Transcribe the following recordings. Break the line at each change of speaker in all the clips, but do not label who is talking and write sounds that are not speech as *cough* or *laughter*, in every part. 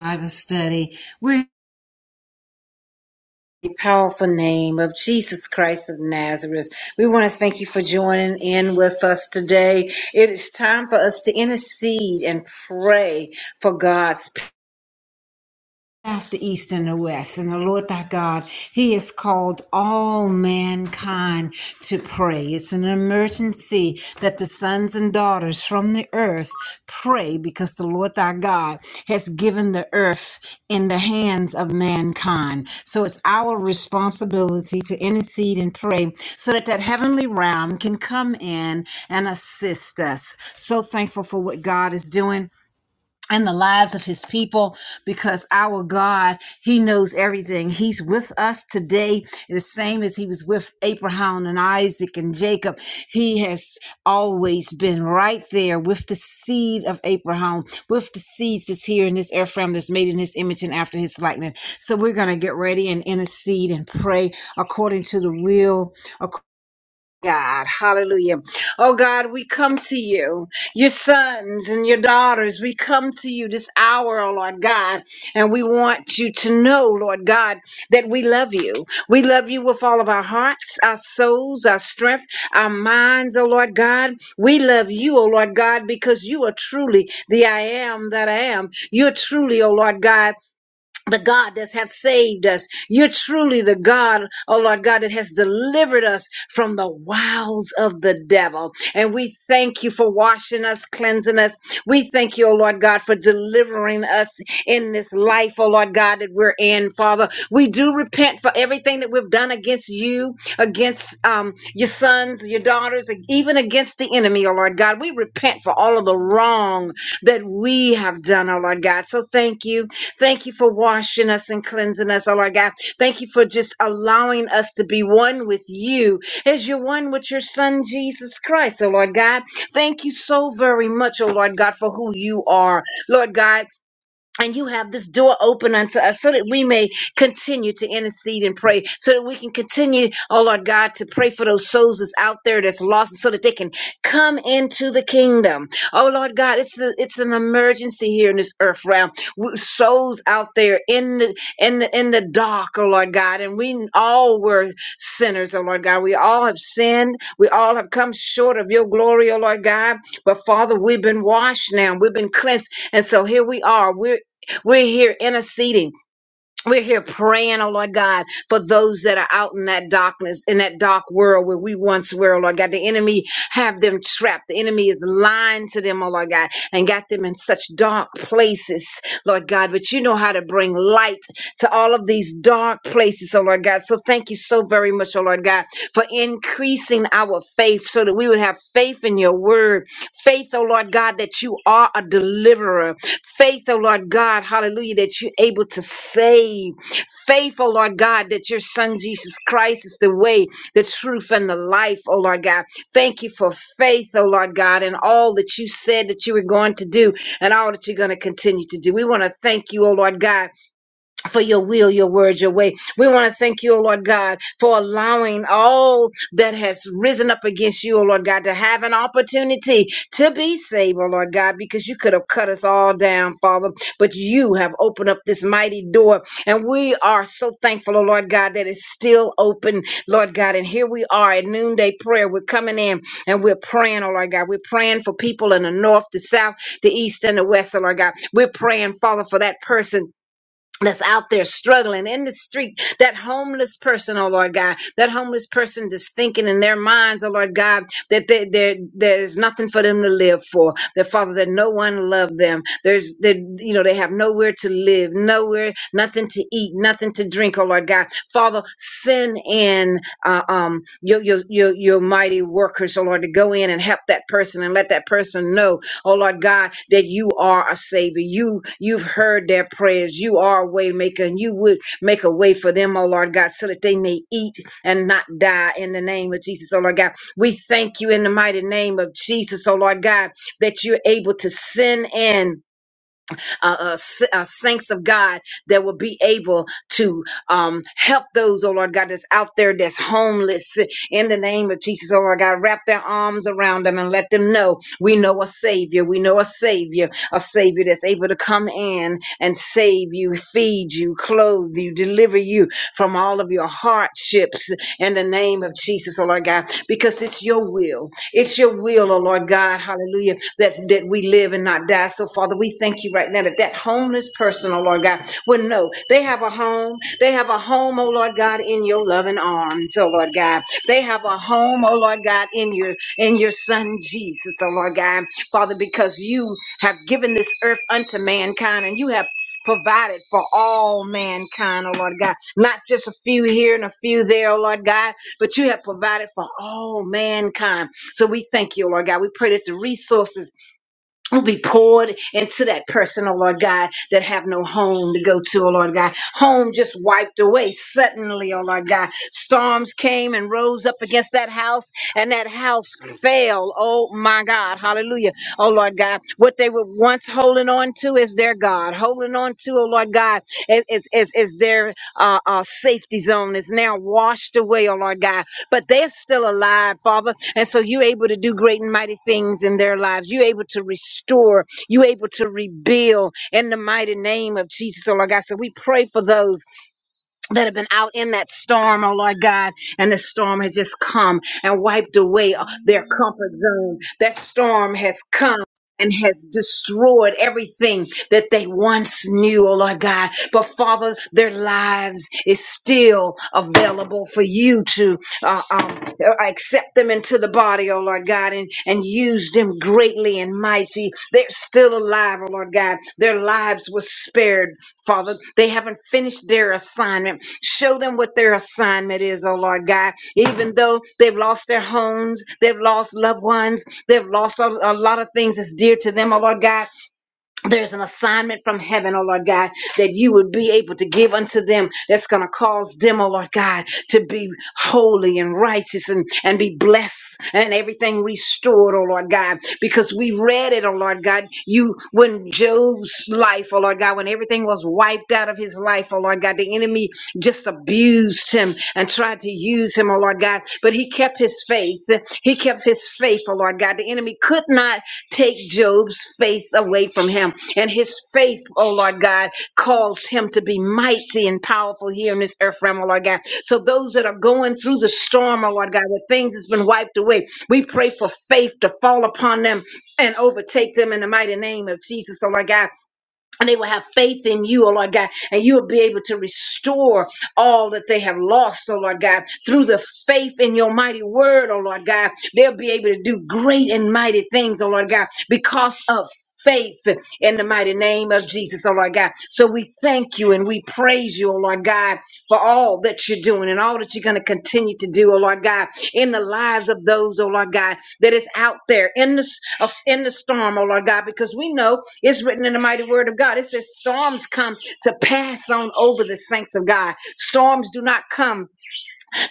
Bible study. We're in the powerful name of Jesus Christ of Nazareth. We want to thank you for joining in with us today. It is time for us to intercede and pray for God's people. After east and the west, and the Lord thy God, He has called all mankind to pray. It's an emergency that the sons and daughters from the earth pray because the Lord thy God has given the earth in the hands of mankind. So it's our responsibility to intercede and pray so that that heavenly realm can come in and assist us. So thankful for what God is doing and the lives of his people because our God, he knows everything. He's with us today, the same as he was with Abraham and Isaac and Jacob. He has always been right there with the seed of Abraham, with the seeds that's here in this Ephraim that's made in his image and after his likeness. So we're going to get ready and intercede and pray according to the will according God, hallelujah. Oh God, we come to you, your sons and your daughters. We come to you this hour, oh Lord God, and we want you to know, Lord God, that we love you. We love you with all of our hearts, our souls, our strength, our minds, oh Lord God. We love you, oh Lord God, because you are truly the I am that I am. You're truly, oh Lord God, the God that have saved us. You're truly the God, oh Lord God, that has delivered us from the wiles of the devil. And we thank you for washing us, cleansing us. We thank you, oh Lord God, for delivering us in this life, oh Lord God, that we're in, Father. We do repent for everything that we've done against you, against um, your sons, your daughters, and even against the enemy, oh Lord God. We repent for all of the wrong that we have done, oh Lord God. So thank you. Thank you for washing us and cleansing us, oh Lord God. Thank you for just allowing us to be one with you as you're one with your son, Jesus Christ, oh Lord God. Thank you so very much, oh Lord God, for who you are. Lord God, and you have this door open unto us so that we may continue to intercede and pray so that we can continue oh lord god to pray for those souls that's out there that's lost so that they can come into the kingdom oh lord god it's a, it's an emergency here in this earth realm W- souls out there in the in the in the dark oh lord god and we all were sinners oh lord god we all have sinned we all have come short of your glory oh lord god but father we've been washed now we've been cleansed and so here we are. We're we're here interceding. We're here praying, oh Lord God, for those that are out in that darkness, in that dark world where we once were, oh Lord God. The enemy have them trapped. The enemy is lying to them, oh Lord God, and got them in such dark places, Lord God. But you know how to bring light to all of these dark places, oh Lord God. So thank you so very much, oh Lord God, for increasing our faith so that we would have faith in your word. Faith, oh Lord God, that you are a deliverer Faith, oh Lord God, hallelujah, that you're able to save. Faith, oh Lord God, that your son Jesus Christ is the way, the truth, and the life, oh Lord God. Thank you for faith, oh Lord God, and all that you said that you were going to do and all that you're going to continue to do. We want to thank you, oh Lord God for your will, your words, your way. We want to thank you, O Lord God, for allowing all that has risen up against you, O Lord God, to have an opportunity to be saved, O Lord God, because you could have cut us all down, Father, but you have opened up this mighty door. And we are so thankful, O Lord God, that it's still open, Lord God. And here we are at noonday prayer. We're coming in and we're praying, O Lord God. We're praying for people in the north, the south, the east, and the west, O Lord God. We're praying, Father, for that person that's out there struggling in the street, that homeless person, oh Lord God, that homeless person that's thinking in their minds, oh Lord God, that they, there there's nothing for them to live for. That Father, that no one loved them. There's that you know they have nowhere to live, nowhere, nothing to eat, nothing to drink, oh Lord God. Father, send in uh, um your, your your your mighty workers, oh Lord, to go in and help that person and let that person know oh Lord God, that you are a savior. You you've heard their prayers. You are a way maker, and you would make a way for them, oh Lord God, so that they may eat and not die in the name of Jesus, oh Lord God. We thank you in the mighty name of Jesus, oh Lord God, that you're able to send in uh, uh, s- uh, saints of God that will be able to um, help those, oh Lord God, that's out there that's homeless in the name of Jesus, oh Lord God. Wrap their arms around them and let them know we know a Savior. We know a Savior, a Savior that's able to come in and save you, feed you, clothe you, deliver you from all of your hardships in the name of Jesus, oh Lord God, because it's your will. It's your will, oh Lord God, hallelujah, that, that we live and not die. So, Father, we thank you right now that that homeless person, oh Lord God, will know they have a home. They have a home, oh Lord God, in your loving arms, oh Lord God. They have a home, oh Lord God, in your in your son Jesus, oh Lord God. Father, because you have given this earth unto mankind and you have provided for all mankind, oh Lord God. Not just a few here and a few there, oh Lord God, but you have provided for all mankind. So we thank you, Lord God. We pray that the resources will be poured into that person, oh Lord God, that have no home to go to, oh Lord God. Home just wiped away suddenly, oh Lord God. Storms came and rose up against that house, and that house fell. Oh my God. Hallelujah. Oh Lord God. What they were once holding on to is their God. Holding on to, oh Lord God, is, is, is, is their uh, uh, safety zone is now washed away, oh Lord God but they're still alive, Father. And so you're able to do great and mighty things in their lives. You're able to restore. You're able to rebuild in the mighty name of Jesus, oh Lord God. So we pray for those that have been out in that storm, oh Lord God, and the storm has just come and wiped away uh, their comfort zone. That storm has come. And has destroyed everything that they once knew, oh Lord God. But Father, their lives is still available for you to uh, um, uh, accept them into the body, oh Lord God, and, and use them greatly and mighty. They're still alive, oh Lord God. Their lives were spared Father, they haven't finished their assignment. Show them what their assignment is, oh Lord God. Even though they've lost their homes, they've lost loved ones, they've lost a, a lot of things that's dear to them, oh Lord God there's an assignment from heaven, oh Lord God, that you would be able to give unto them that's going to cause them, oh Lord God, to be holy and righteous and, and be blessed and everything restored, oh Lord God, because we read it, oh Lord God. You, when Job's life, oh Lord God, when everything was wiped out of his life, oh Lord God, the enemy just abused him and tried to use him, oh Lord God, but he kept his faith. He kept his faith, oh Lord God. The enemy could not Take Job's faith away from him. And his faith, oh Lord God, caused him to be mighty and powerful here in this earth realm, oh Lord God. So those that are going through the storm, oh Lord God, where things has been wiped away, we pray for faith to fall upon them and overtake them in the mighty name of Jesus, oh Lord God and they will have faith in you, oh Lord God, and you will be able to restore all that they have lost, oh Lord God, through the faith in your mighty word, oh Lord God. They'll be able to do great and mighty things, oh Lord God, because of faith in the mighty name of Jesus, oh Lord God. So we thank you and we praise you, oh Lord God for all that you're doing and all that you're going to continue to do, oh Lord God, in the lives of those, oh Lord God, that is out there in the, s- in the storm, oh Lord God, because we know it's written in the mighty word of God. It says storms come to pass on over the saints of God. Storms do not come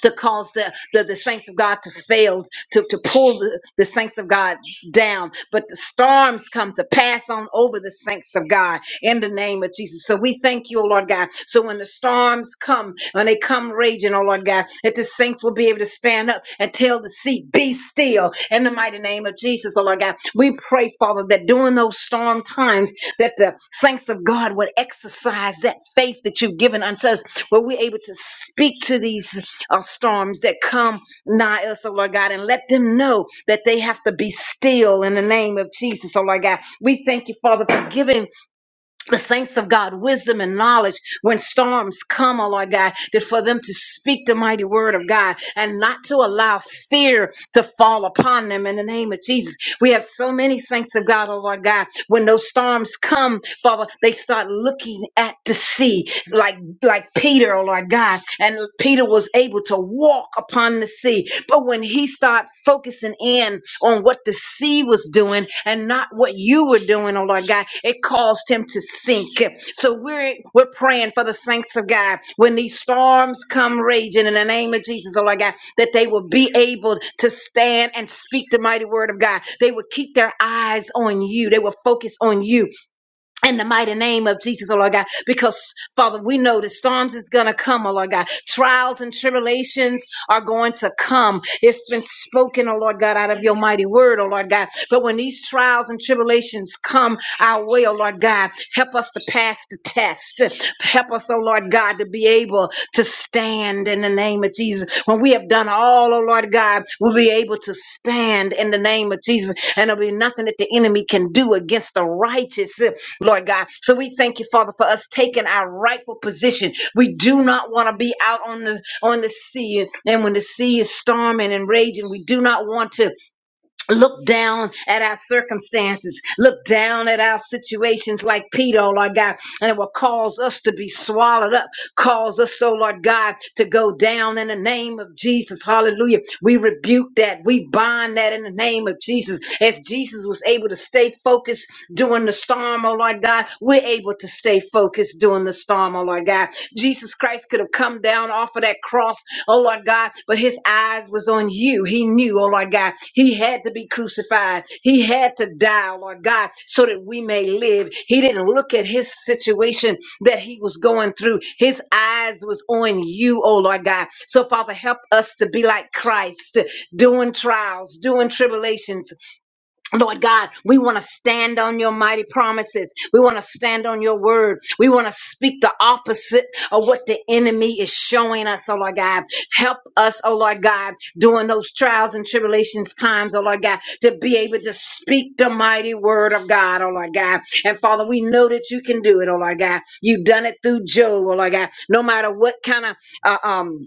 to cause the, the, the saints of God to fail, to, to pull the, the saints of God down. But the storms come to pass on over the saints of God in the name of Jesus. So we thank you, O Lord God. So when the storms come, when they come raging, O Lord God, that the saints will be able to stand up and tell the sea, be still in the mighty name of Jesus, O Lord God. We pray, Father, that during those storm times, that the saints of God would exercise that faith that you've given unto us where we're able to speak to these uh, storms that come nigh us, oh Lord God, and let them know that they have to be still in the name of Jesus, oh Lord God. We thank you, Father, for giving the saints of God wisdom and knowledge when storms come, oh Lord God, that for them to speak the mighty word of God and not to allow fear to fall upon them in the name of Jesus. We have so many saints of God, oh Lord God, when those storms come, Father, they start looking at the sea like like pigs Peter, oh Lord God, and Peter was able to walk upon the sea. But when he started focusing in on what the sea was doing and not what you were doing, oh Lord God, it caused him to sink. So we're we're praying for the saints of God when these storms come raging in the name of Jesus, oh Lord God, that they will be able to stand and speak the mighty word of God. They will keep their eyes on you. They will focus on you in the mighty name of Jesus, oh Lord God, because Father, we know the storms is gonna come, oh Lord God. Trials and tribulations are going to come. It's been spoken, oh Lord God, out of your mighty word, oh Lord God. But when these trials and tribulations come our way, oh Lord God, help us to pass the test. Help us, oh Lord God, to be able to stand in the name of Jesus. When we have done all, oh Lord God, we'll be able to stand in the name of Jesus. And there'll be nothing that the enemy can do against the righteous Lord God. So we thank you, Father, for us taking our rightful position. We do not want to be out on the on the sea, and, and when the sea is storming and raging, we do not want to look down at our circumstances, look down at our situations like Peter, oh Lord God, and it will cause us to be swallowed up, cause us, oh Lord God, to go down in the name of Jesus. Hallelujah. We rebuke that. We bind that in the name of Jesus. As Jesus was able to stay focused during the storm, oh Lord God, we're able to stay focused during the storm, oh Lord God. Jesus Christ could have come down off of that cross oh Lord God, but his eyes was on you. He knew, oh Lord God, he had to be crucified. He had to die, oh Lord God, so that we may live. He didn't look at his situation that he was going through. His eyes was on you, oh Lord God. So Father, help us to be like Christ, doing trials, doing tribulations, Lord God, we want to stand on your mighty promises. We want to stand on your word. We want to speak the opposite of what the enemy is showing us, oh Lord God. Help us, oh Lord God, during those trials and tribulations times, oh Lord God, to be able to speak the mighty word of God, oh Lord God. And Father, we know that you can do it, oh Lord God. You've done it through Job, oh Lord God. No matter what kind of uh, um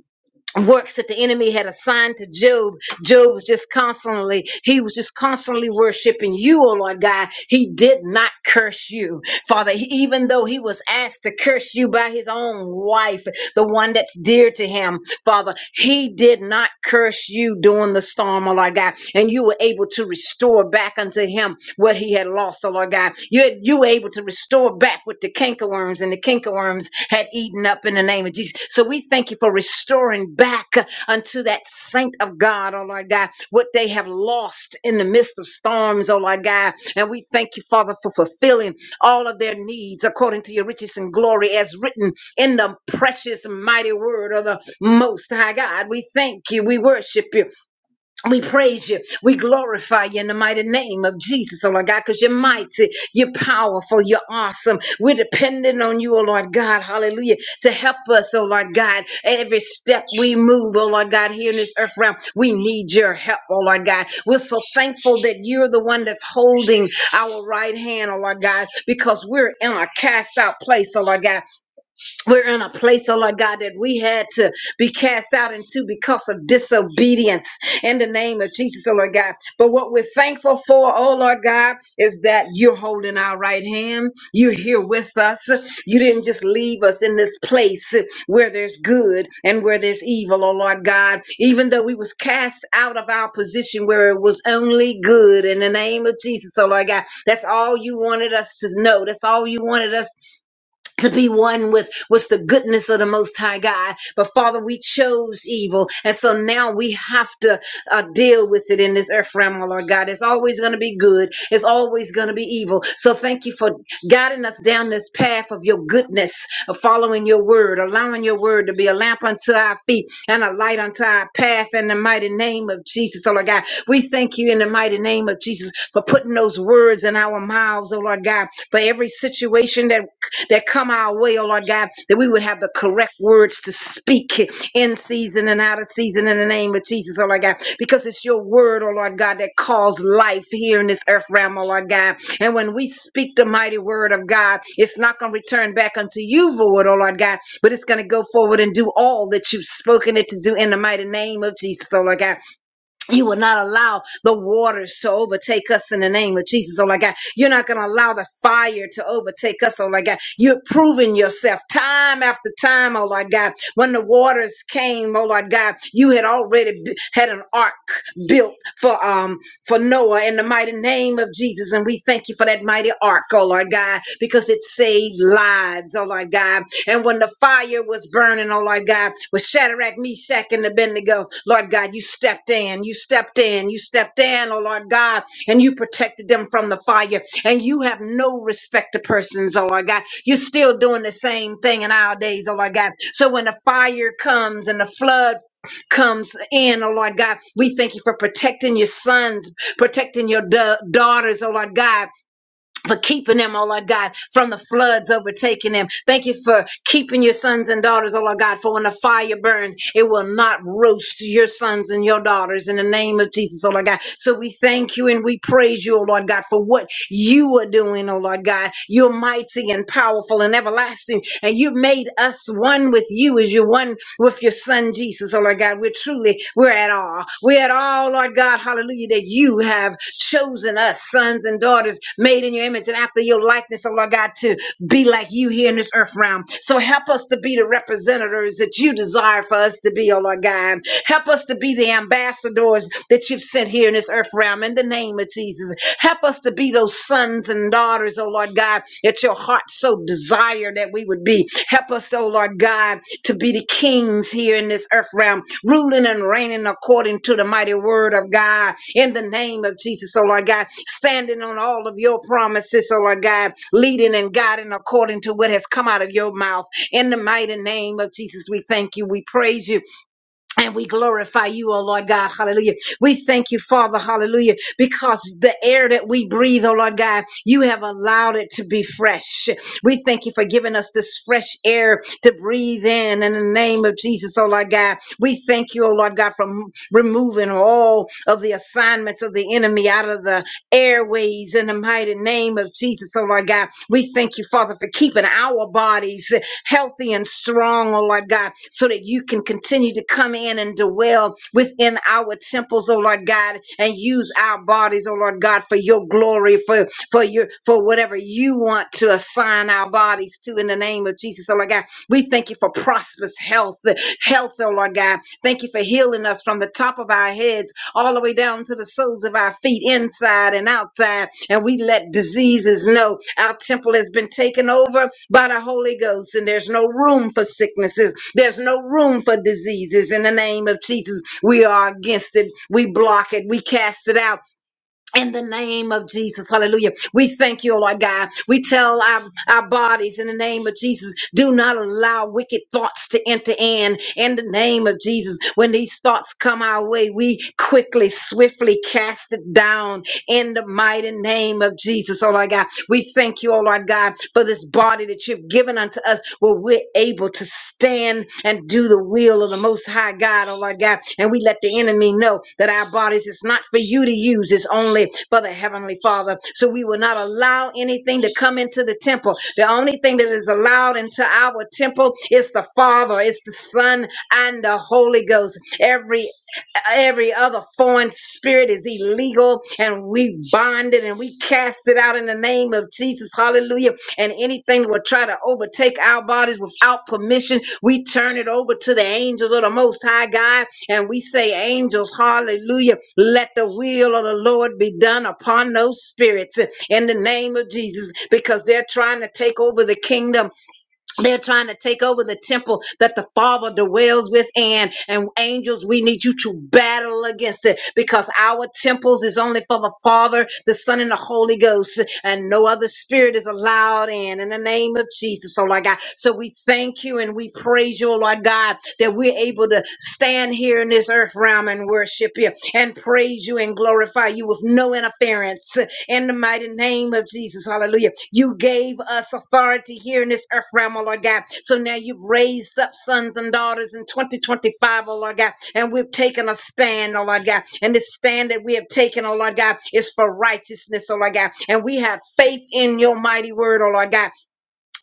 works that the enemy had assigned to Job. Job was just constantly, he was just constantly worshiping you, oh Lord God. He did not curse you. Father, he- even though he was asked to curse you by his own wife, the one that's dear to him, Father, he did not curse you during the storm, oh Lord God, and you were able to restore back unto him what he had lost, oh Lord God. You, you were able to restore back what the cankerworms and the cankerworms had eaten up in the name of Jesus. So we thank you for restoring back uh, unto that saint of God, oh Lord God, what they have lost in the midst of storms, oh Lord God. And we thank you, Father, for fulfilling all of their needs according to your riches and glory as written in the precious mighty word of the most high God. We thank you. We worship you. We praise you. We glorify you in the mighty name of Jesus, oh Lord God, because you're mighty, you're powerful, you're awesome. We're dependent on you, oh Lord God, hallelujah, to help us, oh Lord God. Every step we move, oh Lord God, here in this earth realm, we need your help, oh Lord God. We're so thankful that you're the one that's holding our right hand, oh Lord God, because we're in a cast out place, oh Lord God. We're in a place, oh Lord God, that we had to be cast out into because of disobedience in the name of Jesus, oh Lord God. But what we're thankful for, oh Lord God, is that you're holding our right hand. You're here with us. You didn't just leave us in this place where there's good and where there's evil, oh Lord God. Even though we was cast out of our position where it was only good in the name of Jesus, oh Lord God. That's all you wanted us to know. That's all you wanted us to be one with was the goodness of the most high god but father we chose evil and so now we have to uh, deal with it in this earth realm oh lord god it's always going to be good it's always going to be evil so thank you for guiding us down this path of your goodness of following your word allowing your word to be a lamp unto our feet and a light unto our path in the mighty name of jesus oh lord god we thank you in the mighty name of jesus for putting those words in our mouths oh lord god for every situation that that come our way, oh Lord God, that we would have the correct words to speak in season and out of season in the name of Jesus, oh Lord God, because it's your word, oh Lord God, that calls life here in this earth realm, oh Lord God. And when we speak the mighty word of God, it's not going to return back unto you void, oh Lord God, but it's going to go forward and do all that you've spoken it to do in the mighty name of Jesus, oh Lord God. You will not allow the waters to overtake us in the name of Jesus, oh my God. You're not going to allow the fire to overtake us, oh my God. You're proving yourself time after time, oh Lord God. When the waters came, oh Lord God, you had already b- had an ark built for um for Noah in the mighty name of Jesus, and we thank you for that mighty ark, oh Lord God, because it saved lives, oh Lord God. And when the fire was burning, oh Lord God, with Shadrach, Meshach, and Abednego, Lord God, you stepped in, you stepped in, you stepped in, oh Lord God, and you protected them from the fire. And you have no respect to persons, oh Lord God. You're still doing the same thing in our days, oh Lord God. So when the fire comes and the flood comes in, oh Lord God, we thank you for protecting your sons, protecting your da- daughters, oh Lord God for keeping them, oh Lord God, from the floods overtaking them. Thank you for keeping your sons and daughters, oh Lord God, for when the fire burns, it will not roast your sons and your daughters in the name of Jesus, oh Lord God. So we thank you and we praise you, oh Lord God, for what you are doing, oh Lord God. God. You're mighty and powerful and everlasting, and you made us one with you as you're one with your Son Jesus, oh Lord God. We're truly, we're at all. We're at all, Lord God, hallelujah, that you have chosen us, sons and daughters, made in your image and after your likeness, oh Lord God, to be like you here in this earth realm. So help us to be the representatives that you desire for us to be, oh Lord God. Help us to be the ambassadors that you've sent here in this earth realm in the name of Jesus. Help us to be those sons and daughters, oh Lord God, that your heart so desired that we would be. Help us, oh Lord God, to be the kings here in this earth realm, ruling and reigning according to the mighty word of God in the name of Jesus, oh Lord God, standing on all of your promises, oh Lord God, leading and guiding according to what has come out of your mouth. In the mighty name of Jesus, we thank you, we praise you, and we glorify you, oh Lord God, hallelujah. We thank you, Father, hallelujah, because the air that we breathe, oh Lord God, you have allowed it to be fresh. We thank you for giving us this fresh air to breathe in in the name of Jesus, oh Lord God. We thank you, oh Lord God, for m- removing all of the assignments of the enemy out of the airways in the mighty name of Jesus, oh Lord God. We thank you, Father, for keeping our bodies healthy and strong, oh Lord God, so that you can continue to come in and dwell within our temples, oh Lord God, and use our bodies, oh Lord God, for your glory, for for your for whatever you want to assign our bodies to in the name of Jesus, oh Lord God. We thank you for prosperous health, health, oh Lord God. Thank you for healing us from the top of our heads all the way down to the soles of our feet, inside and outside. And we let diseases know our temple has been taken over by the Holy Ghost, and there's no room for sicknesses, there's no room for diseases. In the name of Jesus, we are against it, we block it, we cast it out in the name of Jesus, hallelujah. We thank you, Lord God. We tell our, our bodies in the name of Jesus, do not allow wicked thoughts to enter in. In the name of Jesus, when these thoughts come our way, we quickly, swiftly cast it down in the mighty name of Jesus, oh Lord God. We thank you, oh Lord God, for this body that you've given given unto us where we're able to stand and do the will of the Most High God, oh Lord God. And we let the enemy know that our bodies is not for you to use, it's only for the Heavenly Father. So we will not allow anything to come into the temple. The only thing that is allowed into our temple is the Father, it's the Son, and the Holy Ghost. Every every other foreign spirit is illegal and we bind it and we cast it out in the name of Jesus. Hallelujah. And anything that will try to overtake our bodies without permission, we turn it over to the angels of the Most High God and we say, Angels, hallelujah, let the will of the Lord be done upon those spirits in the name of Jesus because they're trying to take over the kingdom they're trying to take over the temple that the Father dwells within. And angels, we need you to battle against it because our temples is only for the Father, the Son, and the Holy Ghost, and no other spirit is allowed in. In the name of Jesus, oh Lord God. So we thank you and we praise you, oh Lord God, that we're able to stand here in this earth realm and worship you and praise you and glorify you with no interference in the mighty name of Jesus. Hallelujah. You gave us authority here in this earth realm, oh Lord God. So now you've raised up sons and daughters in 2025, O Lord God. And we've taken a stand, oh Lord God. And this stand that we have taken, oh Lord God, is for righteousness, oh Lord God. And we have faith in your mighty word, oh Lord God.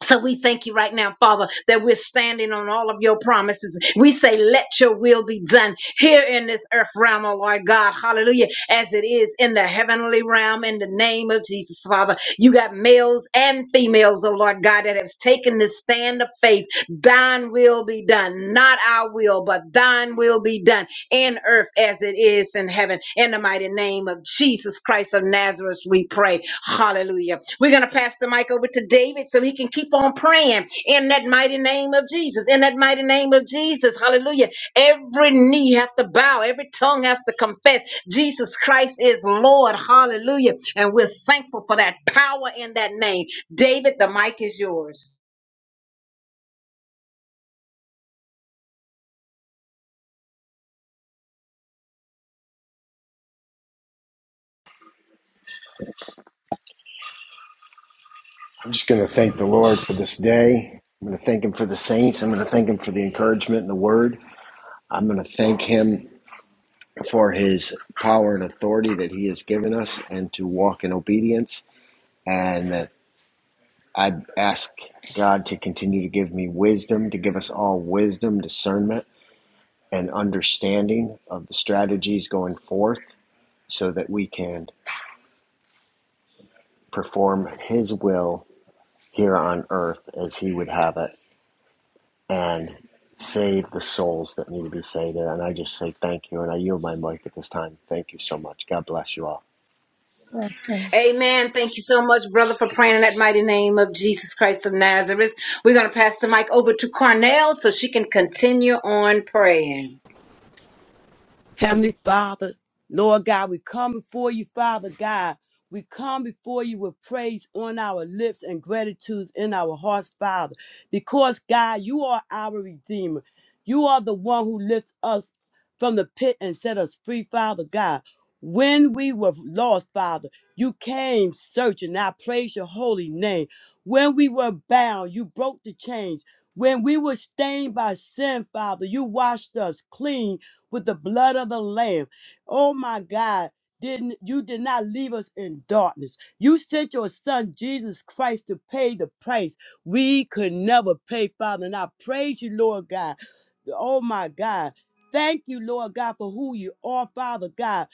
So we thank you right now, Father, that we're standing on all of your promises. We say, let your will be done here in this earth realm, oh Lord God. Hallelujah. As it is in the heavenly realm in the name of Jesus, Father. You got males and females, oh Lord God, that have taken this stand of faith Thine will be done, not our will, but thine will be done in earth as it is in heaven. In the mighty name of Jesus Christ of Nazareth, we pray. Hallelujah. We're going to pass the mic over to David so he can keep on praying in that mighty name of Jesus. In that mighty name of Jesus. Hallelujah. Every knee have to bow, every tongue has to confess Jesus Christ is Lord. Hallelujah. And we're thankful for that power in that name. David, the mic is yours.
I'm just going to thank the Lord for this day. I'm going to thank Him for the saints. I'm going to thank Him for the encouragement and the word. I'm going to thank Him for His power and authority that He has given us and to walk in obedience. And that I ask God to continue to give me wisdom, to give us all wisdom, discernment, and understanding of the strategies going forth so that we can perform His will here on earth as He would have it and save the souls that need to be saved. And I just say thank you. And I yield my mic at this time. Thank you so much. God bless you all.
Blessings.
Amen. Thank you so much, brother, for praying in that mighty name of Jesus Christ of Nazareth. We're going to pass the mic over to Cornell so she can continue on praying.
Heavenly Father, Lord God, we come before you, Father God. We come before you with praise on our lips and gratitude in our hearts, Father, because God, you are our Redeemer. You are the one who lifts us from the pit and set us free, Father God. When we were lost, Father, you came searching. I praise your holy name. When we were bound, you broke the chains. When we were stained by sin, Father, you washed us clean with the blood of the Lamb. Oh my God. Didn't you did not leave us in darkness. You sent your son Jesus Christ to pay the price we could never pay, Father. And I praise you, Lord God. Oh my God. Thank you, Lord God, for who you are, Father God.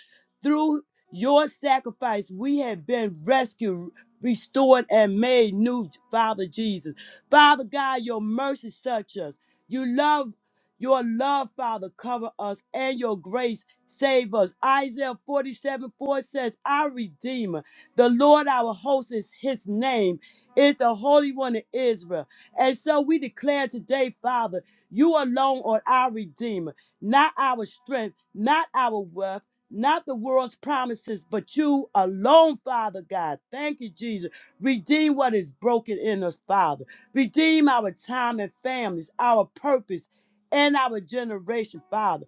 Through your sacrifice, we have been rescued, restored, and made new, Father Jesus. Father God, your mercy such us. You love. Your love, Father, cover us and your grace save us. Isaiah 47 4 says, Our Redeemer, the Lord our host is his name, is the Holy One of Israel. And so we declare today, Father, you alone are our Redeemer, not our strength, not our wealth. Not the world's promises, but you alone, Father God. Thank you, Jesus. Redeem what is broken in us, Father. Redeem our time and families, our purpose in our generation, Father.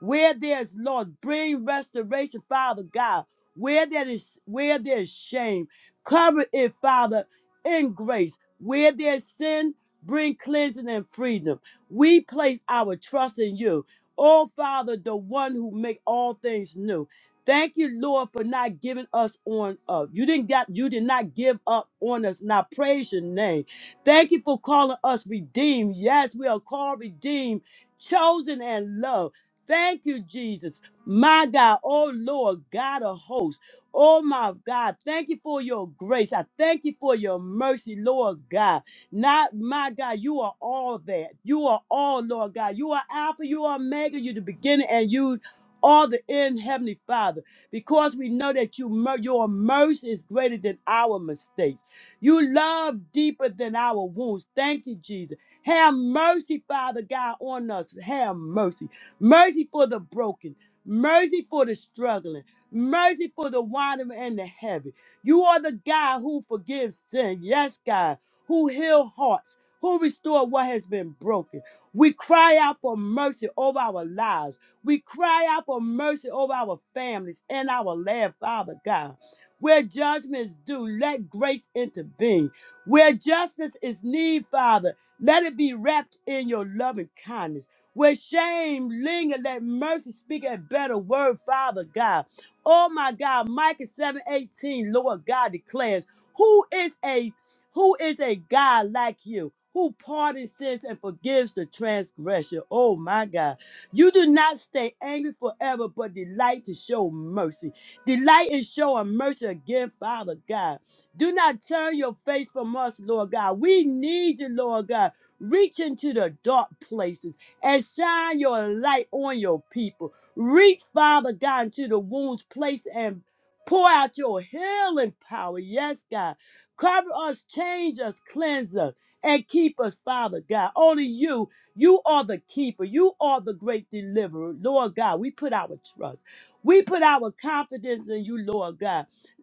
Where there's Lord, bring restoration, Father God. Where there is where there's shame, cover it, Father, in grace. Where there's sin, bring cleansing and freedom. We place our trust in you. Oh Father, the one who make all things new. Thank you, Lord, for not giving us on up. You didn't got you did not give up on us. Now praise your name. Thank you for calling us redeemed. Yes, we are called redeemed chosen and loved. Thank you, Jesus. My God, oh Lord, God of hosts. Oh my God, thank you for your grace. I thank you for your mercy, Lord God. Not my God, you are all that. You are all, Lord God. You are Alpha, you are Omega, you the beginning, and you are the end, Heavenly Father. Because we know that you mer- your mercy is greater than our mistakes. You love deeper than our wounds. Thank you, Jesus. Have mercy, Father God, on us. Have mercy. Mercy for the broken. Mercy for the struggling. Mercy for the wandering and the heavy. You are the God who forgives sin. Yes, God. Who heal hearts. Who restore what has been broken. We cry out for mercy over our lives. We cry out for mercy over our families and our land, Father God. Where judgment is due, let grace intervene. Where justice is need, Father. Let it be wrapped in your loving kindness. Where shame linger, let mercy speak a better word, Father God. Oh my God, Micah 7 18. Lord God declares, Who is a who is a God like you? Who pardons sins and forgives the transgression? Oh my God. You do not stay angry forever, but delight to show mercy. Delight in showing mercy again, Father God. Do not turn your face from us, Lord God. We need you, Lord God. Reach into the dark places and shine your light on your people. Reach, Father God, into the wounds place and pour out your healing power. Yes, God. Cover us, change us, cleanse us, and keep us, Father God. Only you, you are the keeper. You are the great deliverer. Lord God, we put our trust. We put our confidence in you, Lord God.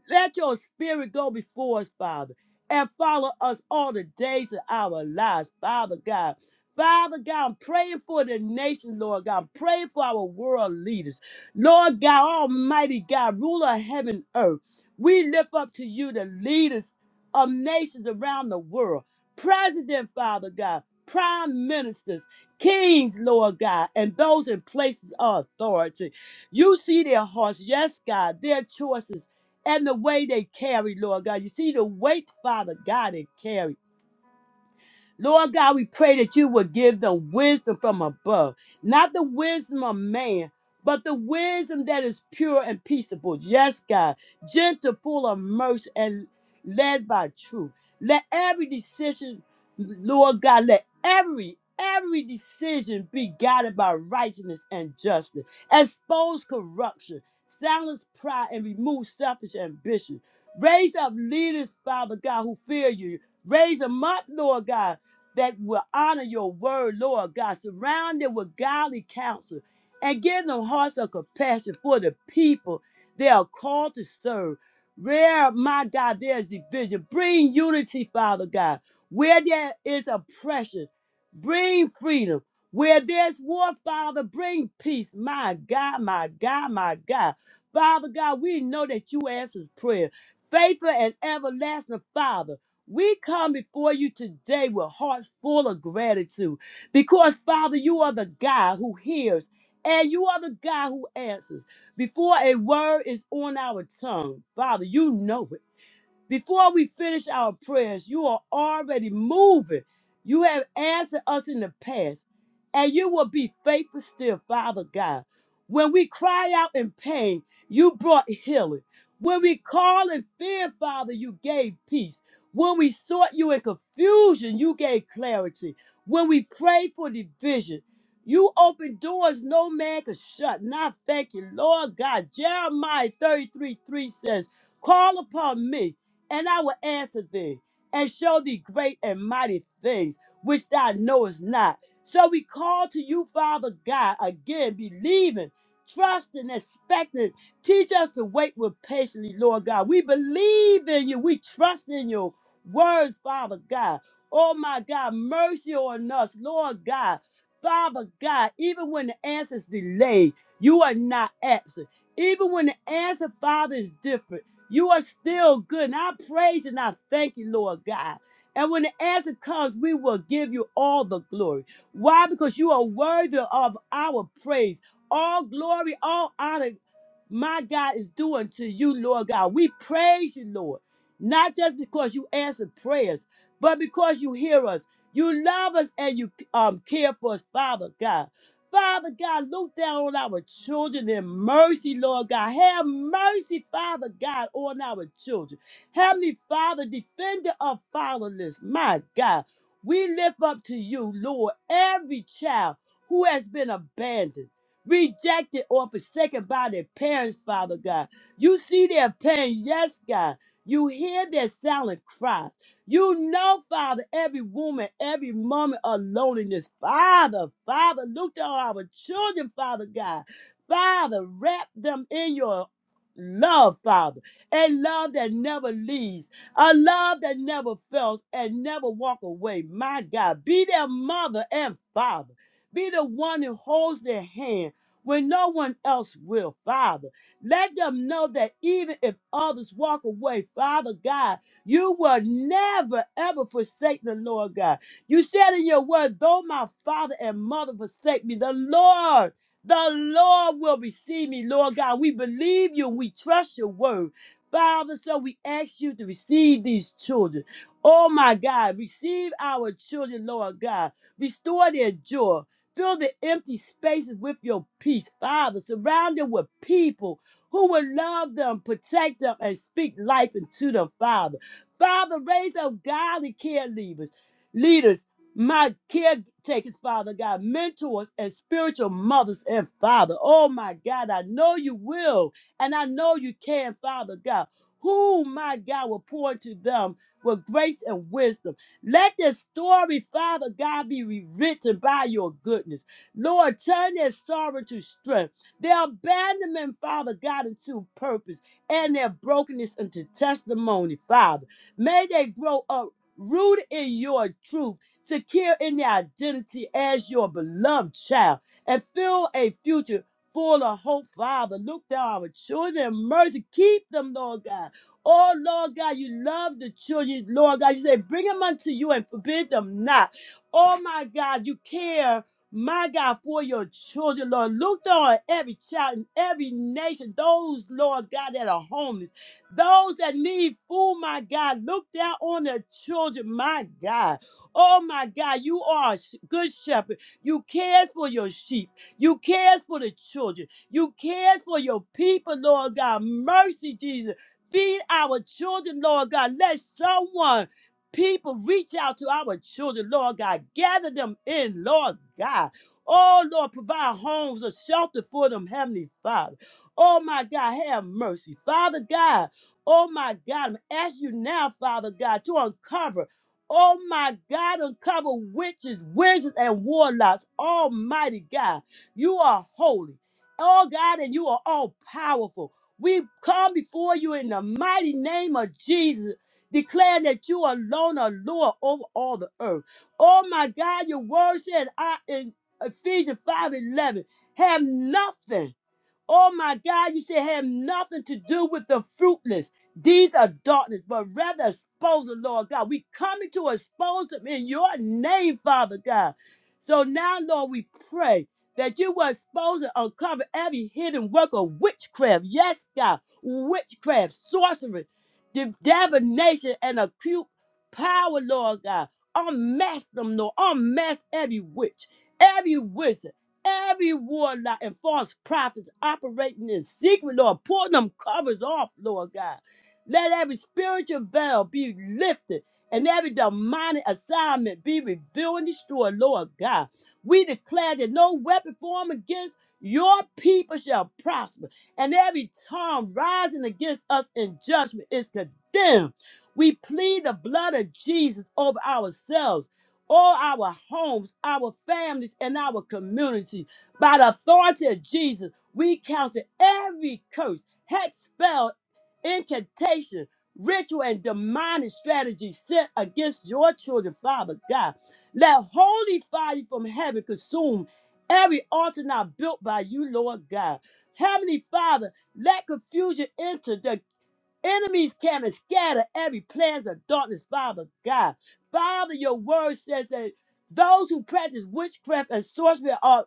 Let your spirit go before us, Father, and follow us all the days of our lives, Father God. Father God, I'm praying for the nation, Lord God. I'm praying for our world leaders. Lord God, Almighty God, ruler of heaven and earth, we lift up to you the leaders of nations around the world. President, Father God, prime ministers, kings, Lord God, and those in places of authority. You see their hearts, yes, God, their choices and the way they carry, Lord God. You see the weight, Father God, they carry. Lord God, we pray that you would give the wisdom from above, not the wisdom of man, but the wisdom that is pure and peaceable. Yes, God, gentle, full of mercy, and led by truth. Let every decision, Lord God, let every every decision be guided by righteousness and justice. Expose corruption, silence pride, and remove selfish ambition. Raise up leaders, Father God, who fear you. Raise them up, Lord God that will honor your word, Lord God. Surround them with godly counsel and give them hearts of compassion for the people they are called to serve. Where, my God, there is division, bring unity, Father God. Where there is oppression, bring freedom. Where there's war, Father, bring peace. My God, my God, my God. Father God, we know that you answer prayer. Faithful and everlasting Father. We come before you today with hearts full of gratitude because, Father, you are the God who hears and you are the God who answers. Before a word is on our tongue, Father, you know it. Before we finish our prayers, you are already moving. You have answered us in the past, and you will be faithful still, Father God. When we cry out in pain, you brought healing. When we call in fear, Father, you gave peace. When we sought you in confusion, you gave clarity. When we prayed for division, you opened doors no man could shut. And I thank you, Lord God. Jeremiah 33 3 says, Call upon me and I will answer thee, and show thee great and mighty things which thou knowest not. So we call to you, Father God, again, believing, trusting, expecting. Teach us to wait with patiently, Lord God. We believe in you. We trust in your words, Father God. Oh my God, mercy on us, Lord God. Father God, even when the answer is delayed, you are not absent. Even when the answer, Father, is different. You are still good. And I praise and I thank you, Lord God. And when the answer comes, we will give you all the glory. Why? Because you are worthy of our praise. All glory, all honor, my God, is due unto you, Lord God. We praise you, Lord, not just because you answer prayers, but because you hear us. You love us and you um, care for us, Father God. Father God, look down on our children in mercy, Lord God. Have mercy, Father God, on our children. Heavenly Father, defender of fatherless, my God. We lift up to you, Lord, every child who has been abandoned, rejected, or forsaken by their parents, Father God. You see their pain, yes, God. You hear their silent cry. You know, Father, every woman, every moment of loneliness. Father, Father, look to our children, Father God. Father, wrap them in your love, Father. A love that never leaves. A love that never fails and never walk away. My God, be their mother and father. Be the one who holds their hand when no one else will, Father. Let them know that even if others walk away, Father God, you will never, ever forsake the Lord God. You said in your word, though my father and mother forsake me, the Lord, the Lord will receive me, Lord God. We believe you. We trust your word. Father, so we ask you to receive these children. Oh my God, receive our children, Lord God. Restore their joy. Fill the empty spaces with your peace, Father. Surround them with people who will love them, protect them, and speak life into them, Father. Father, raise up godly care leaders, leaders, my caretakers, Father God, mentors and spiritual mothers and father. Oh my God, I know you will, and I know you can, Father God. Who, my God, will pour into them with grace and wisdom. Let their story, Father God, be rewritten by your goodness. Lord, turn their sorrow to strength, their abandonment, Father God, into purpose, and their brokenness into testimony, Father. May they grow up rooted in your truth, secure in their identity as your beloved child, and fill a future full of hope, Father. Look down our children and mercy. Keep them, Lord God. Oh, Lord God, you love the children, Lord God. You say, bring them unto you and forbid them not. Oh, my God, you care my God, for your children, Lord. Look down on every child in every nation, those, Lord God, that are homeless. Those that need food, my God, look down on the children, my God. Oh, my God, you are a sh- good shepherd. You cares for your sheep. You cares for the children. You cares for your people, Lord God. Mercy, Jesus. Feed our children, Lord God. Let someone, people reach out to our children, Lord God. Gather them in, Lord God. Oh, Lord, provide homes, a shelter for them, Heavenly Father. Oh, my God, have mercy. Father God, Oh my God, I'm asking you now, Father God, to uncover. Oh my God, uncover witches, wizards, and warlocks. Almighty God, you are holy. Oh God, and you are all powerful. We come before you in the mighty name of Jesus, declaring that you alone are Lord over all the earth. Oh my God, your word said I in Ephesians 5 11 have nothing Oh my God, you said have nothing to do with the fruitless. These are darkness, but rather expose them, Lord God. We coming to expose them in your name, Father God. So now, Lord, we pray that you will expose and uncover every hidden work of witchcraft. Yes, God, witchcraft, sorcery, div- divination, and acute power, Lord God. Unmask them, Lord. Unmask every witch, every wizard every warlock and false prophets operating in secret, Lord, pulling them covers off, Lord God. Let every spiritual veil be lifted and every demonic assignment be revealed and destroyed, Lord God. We declare that no weapon formed against your people shall prosper, and every tongue rising against us in judgment is condemned. We plead the blood of Jesus over ourselves all our homes, our families, and our community. By the authority of Jesus, we counsel every curse, hex, spell, incantation, ritual, and demonic strategy set against your children, Father God. Let holy fire from heaven consume every altar now built by you, Lord God. Heavenly Father, let confusion enter. the. Enemies come and scatter every plans of darkness, Father God. Father, your word says that those who practice witchcraft and sorcery are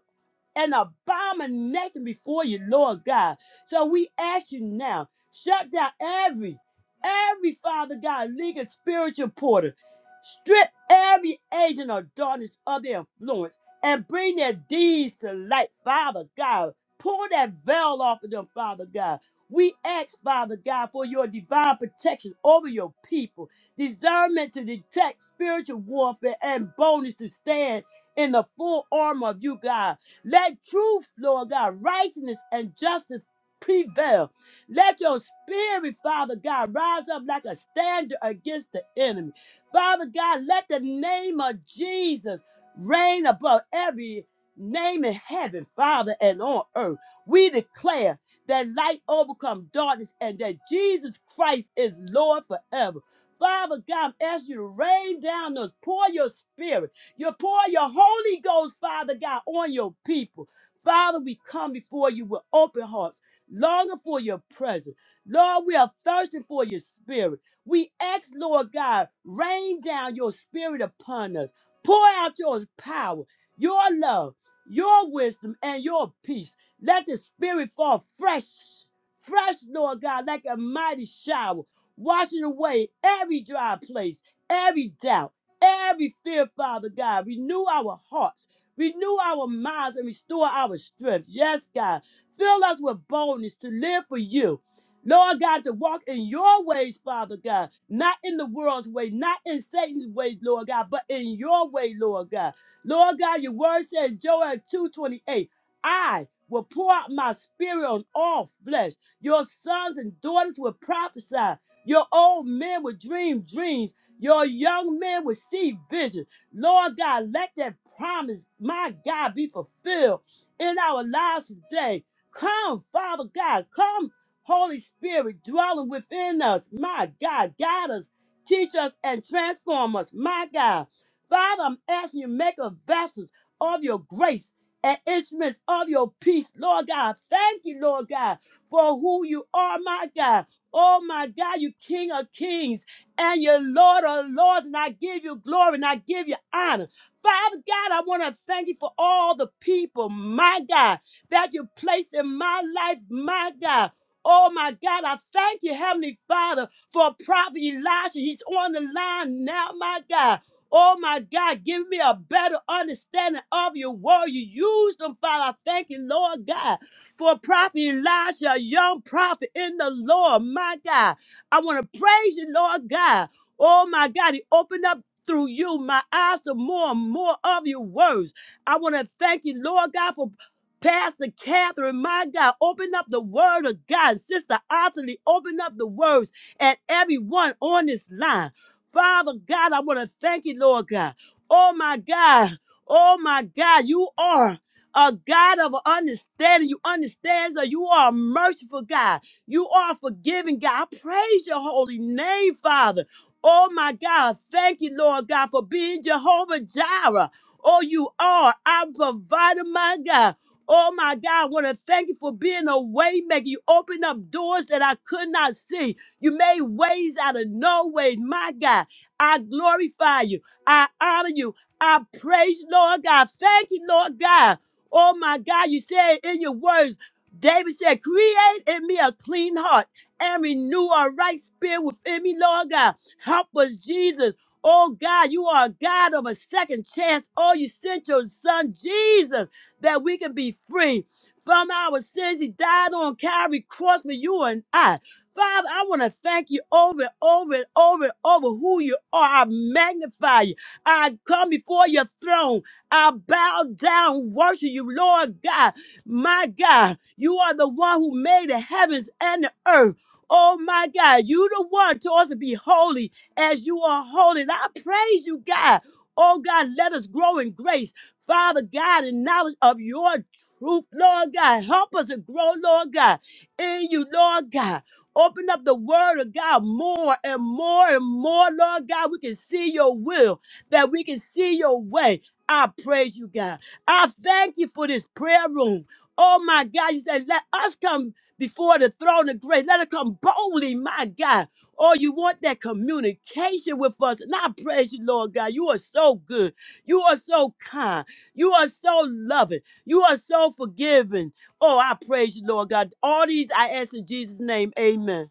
an abomination before you, Lord God. So we ask you now, shut down every, every Father God, legal spiritual porter. Strip every agent of darkness of their influence and bring their deeds to light, Father God. Pull that veil off of them, Father God. We ask, Father God, for your divine protection over your people, discernment to detect spiritual warfare, and boldness to stand in the full armor of you, God. Let truth, Lord God, righteousness, and justice prevail. Let your spirit, Father God, rise up like a standard against the enemy. Father God, let the name of Jesus reign above every name in heaven, Father, and on earth. We declare that light overcome darkness and that Jesus Christ is Lord forever. Father God, I ask you to rain down on us, pour your spirit, you pour your Holy Ghost, Father God, on your people. Father, we come before you with open hearts, longing for your presence. Lord, we are thirsting for your spirit. We ask, Lord God, rain down your spirit upon us. Pour out your power, your love, your wisdom, and your peace. Let the Spirit fall fresh, fresh, Lord God, like a mighty shower, washing away every dry place, every doubt, every fear, Father God. Renew our hearts, renew our minds, and restore our strength. Yes, God. Fill us with boldness to live for you. Lord God, to walk in your ways, Father God, not in the world's way, not in Satan's ways, Lord God, but in your way, Lord God. Lord God, your word said, Joel 2:28. I will pour out my spirit on all flesh. Your sons and daughters will prophesy. Your old men will dream dreams. Your young men will see visions. Lord God, let that promise, my God, be fulfilled in our lives today. Come, Father God, come, Holy Spirit, dwelling within us. My God, guide us, teach us, and transform us. My God, Father, I'm asking you, make us vessels of your grace and instruments of your peace, Lord God. Thank you, Lord God, for who you are, my God. Oh, my God, you King of kings and you Lord of lords, and I give you glory and I give you honor. Father God, I want to thank you for all the people, my God, that you placed in my life, my God. Oh my God, I thank you, Heavenly Father, for Prophet Elijah. He's on the line now, my God. Oh my God, give me a better understanding of your word. You use them, Father. I thank you, Lord God, for Prophet Elijah, a young prophet in the Lord. My God, I want to praise you, Lord God. Oh my God, he opened up through you my eyes to more and more of your words. I want to thank you, Lord God, for Pastor Catherine, my God, open up the word of God. Sister Otterly, open up the words and everyone on this line. Father God, I want to thank you, Lord God. Oh my God. Oh my God. You are a God of understanding. You understand that you are a merciful God. You are a forgiving God. I praise your holy name, Father. Oh my God. Thank you, Lord God, for being Jehovah Jireh. Oh, you are our provider, my God. Oh my God, I want to thank you for being a way maker. You opened up doors that I could not see. You made ways out of no ways. My God, I glorify you. I honor you. I praise you, Lord God. Thank you, Lord God. Oh my God, you said in your words, David said, Create in me a clean heart and renew a right spirit within me, Lord God. Help us, Jesus. Oh God, you are a God of a second chance. Oh, you sent your son, Jesus, that we can be free from our sins. He died on Calvary cross for you and I. Father, I want to thank you over and over and over and over who you are. I magnify you. I come before your throne. I bow down, worship you, Lord God. My God, you are the one who made the heavens and the earth. Oh my God, you the one told us to be holy as you are holy. And I praise you, God. Oh God, let us grow in grace. Father God, in knowledge of your truth, Lord God. Help us to grow, Lord God, in you, Lord God. Open up the word of God more and more and more, Lord God. We can see your will, that we can see your way. I praise you, God. I thank you for this prayer room. Oh my God, you said, let us come before the throne of grace. Let us come boldly, my God. Oh, you want that communication with us. And I praise you, Lord God. You are so good. You are so kind. You are so loving. You are so forgiving. Oh, I praise you, Lord God. All these I ask in Jesus' name. Amen.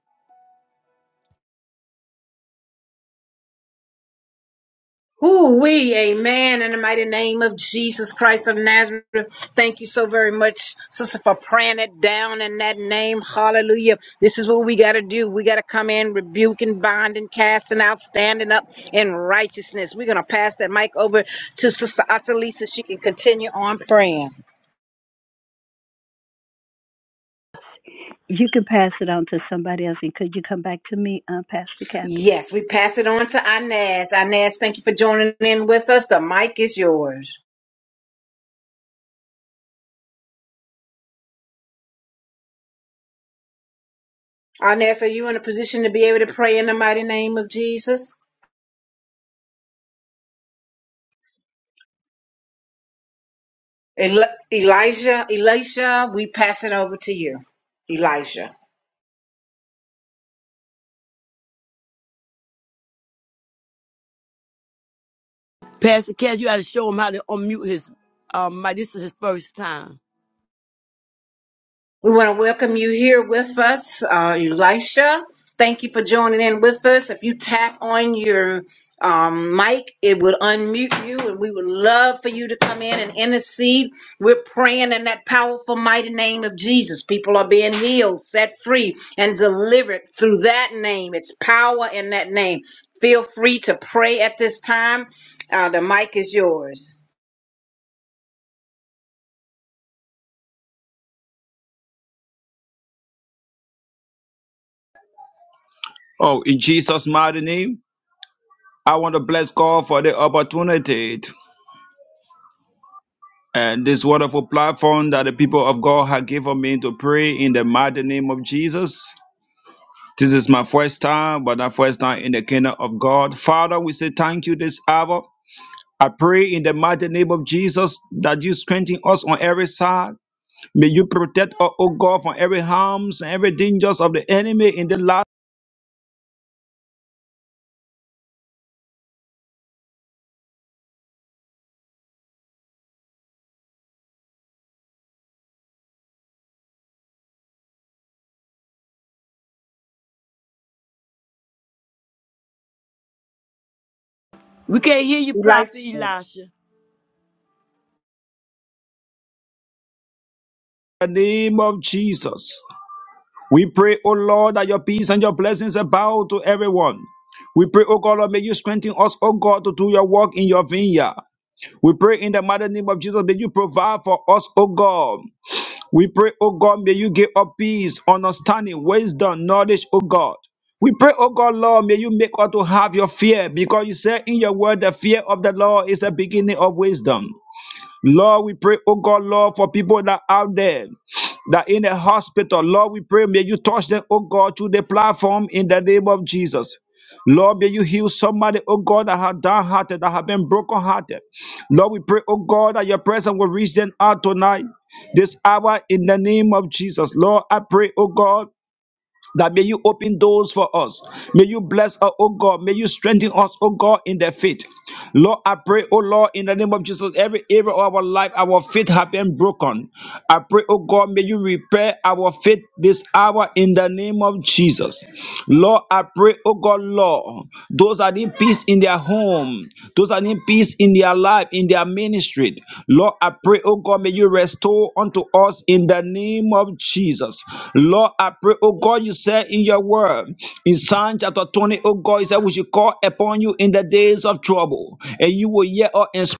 Ooh, we, amen, in the mighty name of Jesus Christ of Nazareth. Thank you so very much, sister, for praying it down in that name. Hallelujah. This is what we got to do. We got to come in, rebuking, binding, casting out, standing up in righteousness. We're going to pass that mic over to sister Atalisa so she can continue on praying.
You can pass it on to somebody else. And could you come back to me, uh, Pastor Catherine?
Yes, we pass it on to Inez. Inez, thank you for joining in with us. The mic is yours. Inez, are you in a position to be able to pray in the mighty name of Jesus? Eli- Elijah, Elisha, we pass it over to you. Elijah.
Pastor Cass, you got to show him how to unmute his um mic. This is his first time.
We want to welcome you here with us, uh, Elisha. Thank you for joining in with us. If you tap on your um, mic, it would unmute you, and we would love for you to come in and intercede. We're praying in that powerful, mighty name of Jesus. People are being healed, set free, and delivered through that name. It's power in that name. Feel free to pray at this time. Uh, the mic is yours.
Oh, in Jesus' mighty name, I want to bless God for the opportunity and this wonderful platform that the people of God have given me to pray in the mighty name of Jesus. This is my first time, but not first time in the kingdom of God. Father, we say thank you this hour. I pray in the mighty name of Jesus that you strengthen us on every side. May you protect us, O God, from every harms and every dangers of the enemy in the last
We can't hear you, Prophet
Elisha.
Elisha.
name of Jesus. We pray, O Lord, that your peace and your blessings abound to everyone. We pray, O God, Lord, may you strengthen us, O God, to do your work in your vineyard. We pray in the mighty name of Jesus, may you provide for us, O God. We pray, O God, may you give us peace, understanding, wisdom, knowledge, O God. We pray, O God, Lord, may you make us to have your fear, because you said in your word, the fear of the Lord is the beginning of wisdom. Lord, we pray, oh God, Lord, for people that are out there that in the hospital. Lord, we pray, may you touch them, oh God, through the platform in the name of Jesus. Lord, may you heal somebody, oh God, that have downhearted, that have been brokenhearted. Lord, we pray, oh God, that your presence will reach them out tonight, this hour, in the name of Jesus. Lord, I pray, oh God that may you open doors for us. May you bless us, oh God. May you strengthen us, oh God, in the faith. Lord, I pray, oh Lord, in the name of Jesus, every area of our life, our faith have been broken. I pray, oh God, may you repair our faith this hour in the name of Jesus. Lord, I pray, oh God, Lord. Those that need peace in their home, those that need peace in their life, in their ministry. Lord, I pray, oh God, may you restore unto us in the name of Jesus. Lord, I pray, oh God, you said in your word, in Psalm chapter 20, O God, you said we should call upon you in the days of trouble, and you will hear us. And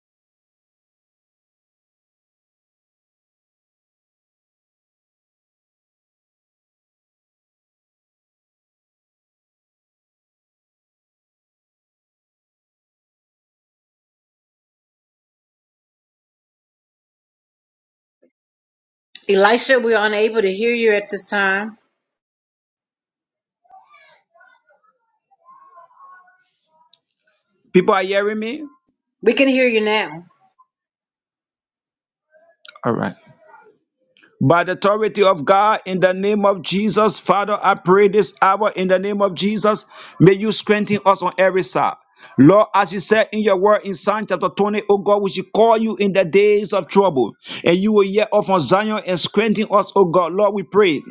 Elisha, we're unable to hear you at this time.
people are hearing me?
We can hear you now.
All right. by the authority of God in the name of Jesus. Father, I pray this hour in the name of Jesus. May you strengthen us on every side. Lord, as you said in your word in Psalm chapter 20, O God, we should call you in the days of trouble, and you will hear us from Zion and strengthen us, O God. Lord, we pray.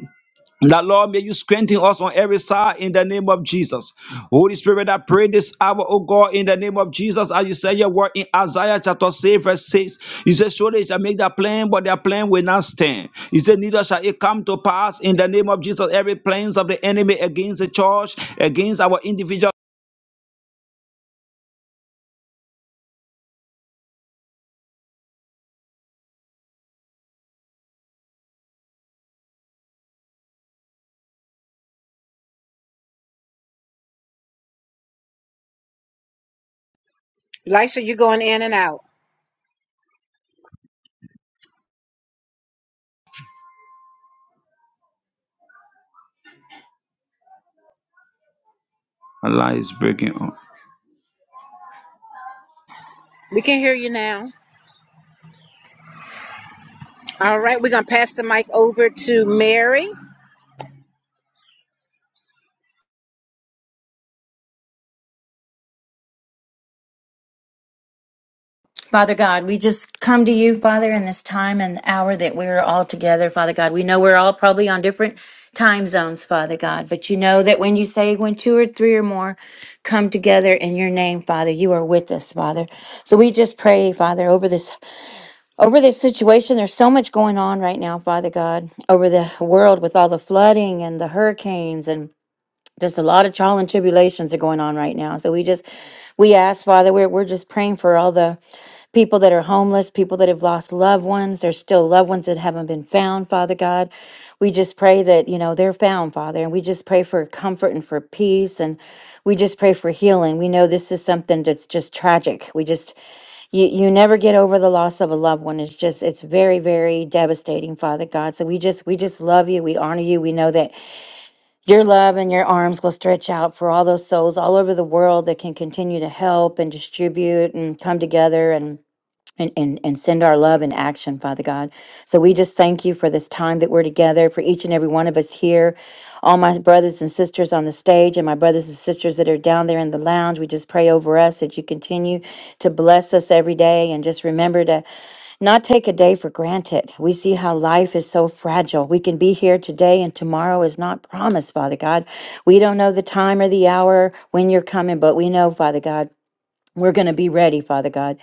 That Lord, may you strengthen us on every side in the name of Jesus. Holy Spirit, I pray this hour, oh God, in the name of Jesus, as you said your word in Isaiah chapter 6, verse 6. You said, Surely they shall make their plan, but their plan will not stand. You said, Neither shall it come to pass in the name of Jesus. Every plans of the enemy against the church, against our individual.
Lisa, you're going in and out.
Allah is breaking up.
We can hear you now. All right, we're going to pass the mic over to Mary.
Father God, we just come to you, Father, in this time and hour that we're all together, Father God. We know we're all probably on different time zones, Father God, but you know that when you say when two or three or more come together in your name, Father, you are with us, Father. So we just pray, Father, over this over this situation. There's so much going on right now, Father God, over the world with all the flooding and the hurricanes and just a lot of trial and tribulations are going on right now. So we just we ask Father, we're we're just praying for all the people that are homeless, people that have lost loved ones. There's still loved ones that haven't been found, Father God. We just pray that, you know, they're found, Father. And we just pray for comfort and for peace and we just pray for healing. We know this is something that's just tragic. We just you, you never get over the loss of a loved one. It's just it's very, very devastating, Father God. So we just we just love you. We honor you. We know that your love and your arms will stretch out for all those souls all over the world that can continue to help and distribute and come together. and and, and, and send our love in action, Father God. So we just thank you for this time that we're together, for each and every one of us here, all my brothers and sisters on the stage, and my brothers and sisters that are down there in the lounge. We just pray over us that you continue to bless us every day and just remember to not take a day for granted. We see how life is so fragile. We can be here today and tomorrow is not promised, Father God. We don't know the time or the hour when you're coming, but we know, Father God, we're going to be ready, Father God.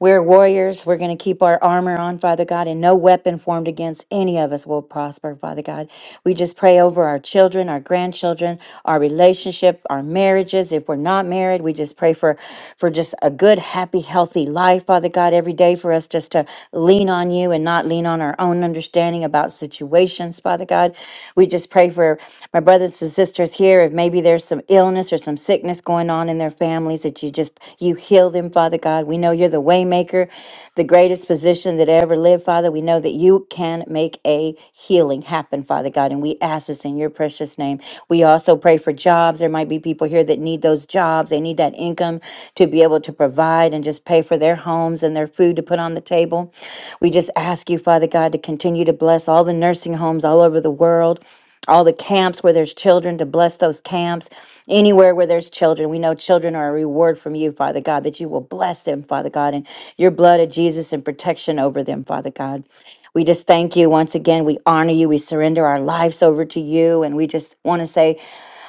We're warriors. We're going to keep our armor on, Father God, and no weapon formed against any of us will prosper, Father God. We just pray over our children, our grandchildren, our relationship, our marriages. If we're not married, we just pray for for just a good, happy, healthy life, Father God, every day for us just to lean on you and not lean on our own understanding about situations, Father God. We just pray for my brother brothers and sisters here if maybe there's some illness or some sickness going on in their families that you just you heal them father god we know you're the waymaker the greatest physician that ever lived father we know that you can make a healing happen father god and we ask this in your precious name we also pray for jobs there might be people here that need those jobs they need that income to be able to provide and just pay for their homes and their food to put on the table we just ask you father god to continue to bless all the nursing homes all over the world all the camps where there's children to bless those camps anywhere where there's children we know children are a reward from you father god that you will bless them father god and your blood of jesus and protection over them father god we just thank you once again we honor you we surrender our lives over to you and we just want to say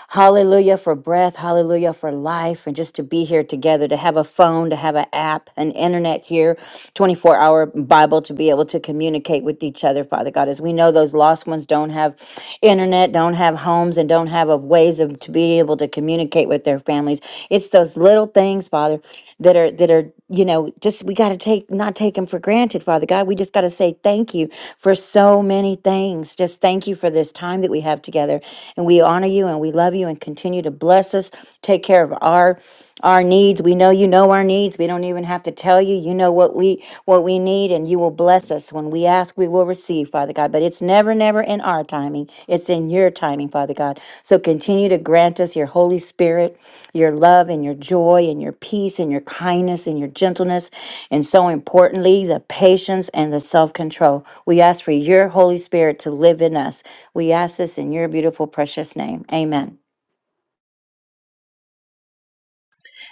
Hallelujah for breath. Hallelujah for life. And just to be here together, to have a phone, to have an app, an internet here, 24 hour Bible to be able to communicate with each other, Father God. As we know, those lost ones don't have internet, don't have homes, and don't have a ways of to be able to communicate with their families. It's those little things, Father, that are that are you know just we got to take not take them for granted father god we just got to say thank you for so many things just thank you for this time that we have together and we honor you and we love you and continue to bless us, take care of our our needs. We know you know our needs. We don't even have to tell you. You know what we what we need and you will bless us. When we ask, we will receive, Father God. But it's never, never in our timing. It's in your timing, Father God. So continue to grant us your Holy Spirit, your love and your joy and your peace and your kindness and your gentleness. And so importantly, the patience and the self-control. We ask for your Holy Spirit to live in us we ask this in your beautiful, precious name. Amen.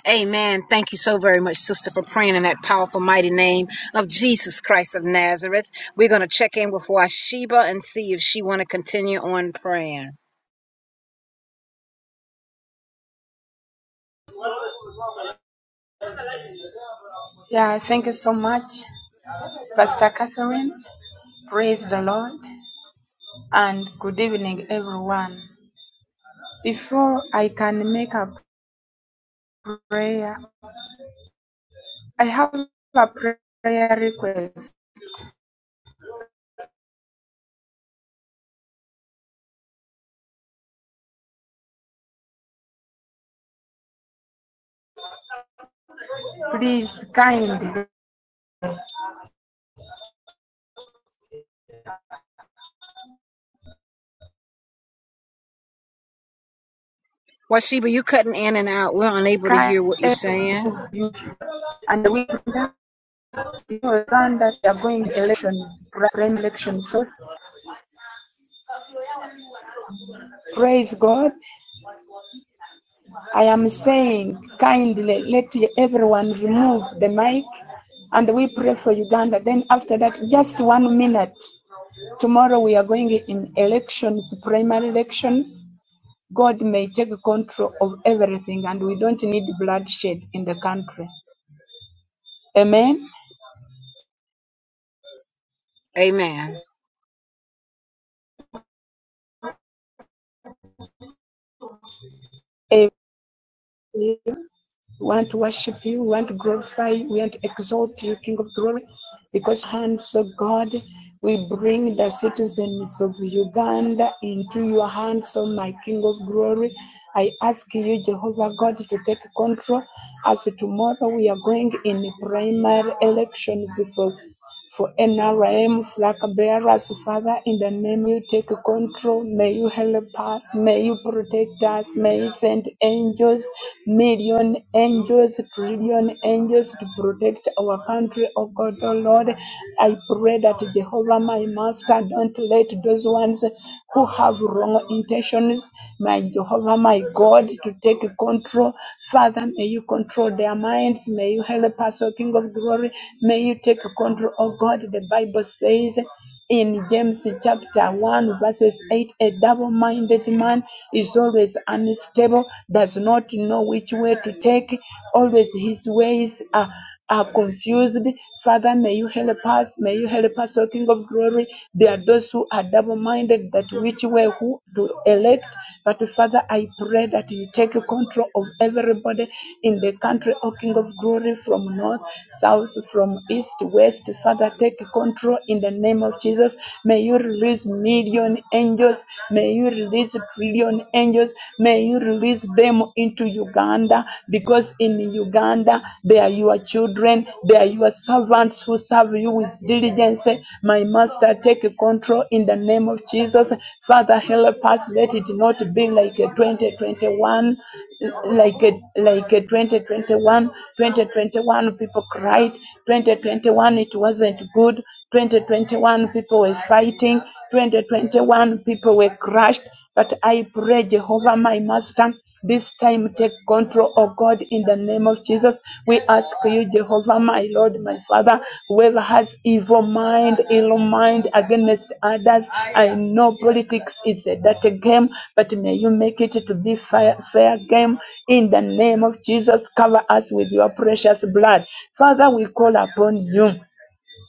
Amen. Thank you so very much, sister, for praying in that powerful, mighty name of Jesus Christ of Nazareth. We're going to check in with Washeba and see if she want to continue on praying.
Yeah, thank you so much, Pastor Catherine. Praise the Lord and good evening, everyone. Before I can make a prayer, I have a prayer request. Please, kind,
Washiba, you cutting in and out. We're unable to
kind
hear what you're
and
saying.
we understand that they are going elections, grand elections. So praise God. I am saying kindly, let everyone remove the mic and we pray for Uganda. Then after that, just one minute Tomorrow we are going in elections, primary elections. God may take control of everything and we don't need bloodshed in the country. Amen.
Amen.
Amen. We want to worship you. We want to glorify you. We want to exalt you, King of glory. Because hands, of God, we bring the citizens of Uganda into your hands, O my King of glory. I ask you, Jehovah God, to take control as tomorrow we are going in primary elections for for NRM flag bearers, Father, in the name you take control. May you help us. May you protect us. May you send angels, million angels, trillion angels to protect our country, oh God, oh Lord. I pray that Jehovah, my master, don't let those ones who have wrong intentions. My Jehovah, my God, to take control. Father, may you control their minds. May you help us, O King of glory. May you take control, O God. The Bible says in James chapter 1, verses 8 a double minded man is always unstable, does not know which way to take, always his ways are are confused. Father, may you help us. May you help us, O King of glory. There are those who are double minded that which way who to elect. But Father, I pray that you take control of everybody in the country, O King of glory, from north, south, from east, west. Father, take control in the name of Jesus. May you release million angels. May you release trillion angels. May you release them into Uganda because in Uganda they are your children, they are your servants who serve you with diligence. My master, take control in the name of Jesus. Father, help us. Let it not be like a 2021, like a, like a 2021. 2021 people cried. 2021 it wasn't good. 2021 people were fighting. 2021 people were crushed. But I pray, Jehovah, my master. This time, take control, oh God, in the name of Jesus. We ask you, Jehovah, my Lord, my Father, whoever has evil mind, ill mind against others. I know politics is a dirty game, but may you make it to be fair, fair game. In the name of Jesus, cover us with your precious blood. Father, we call upon you.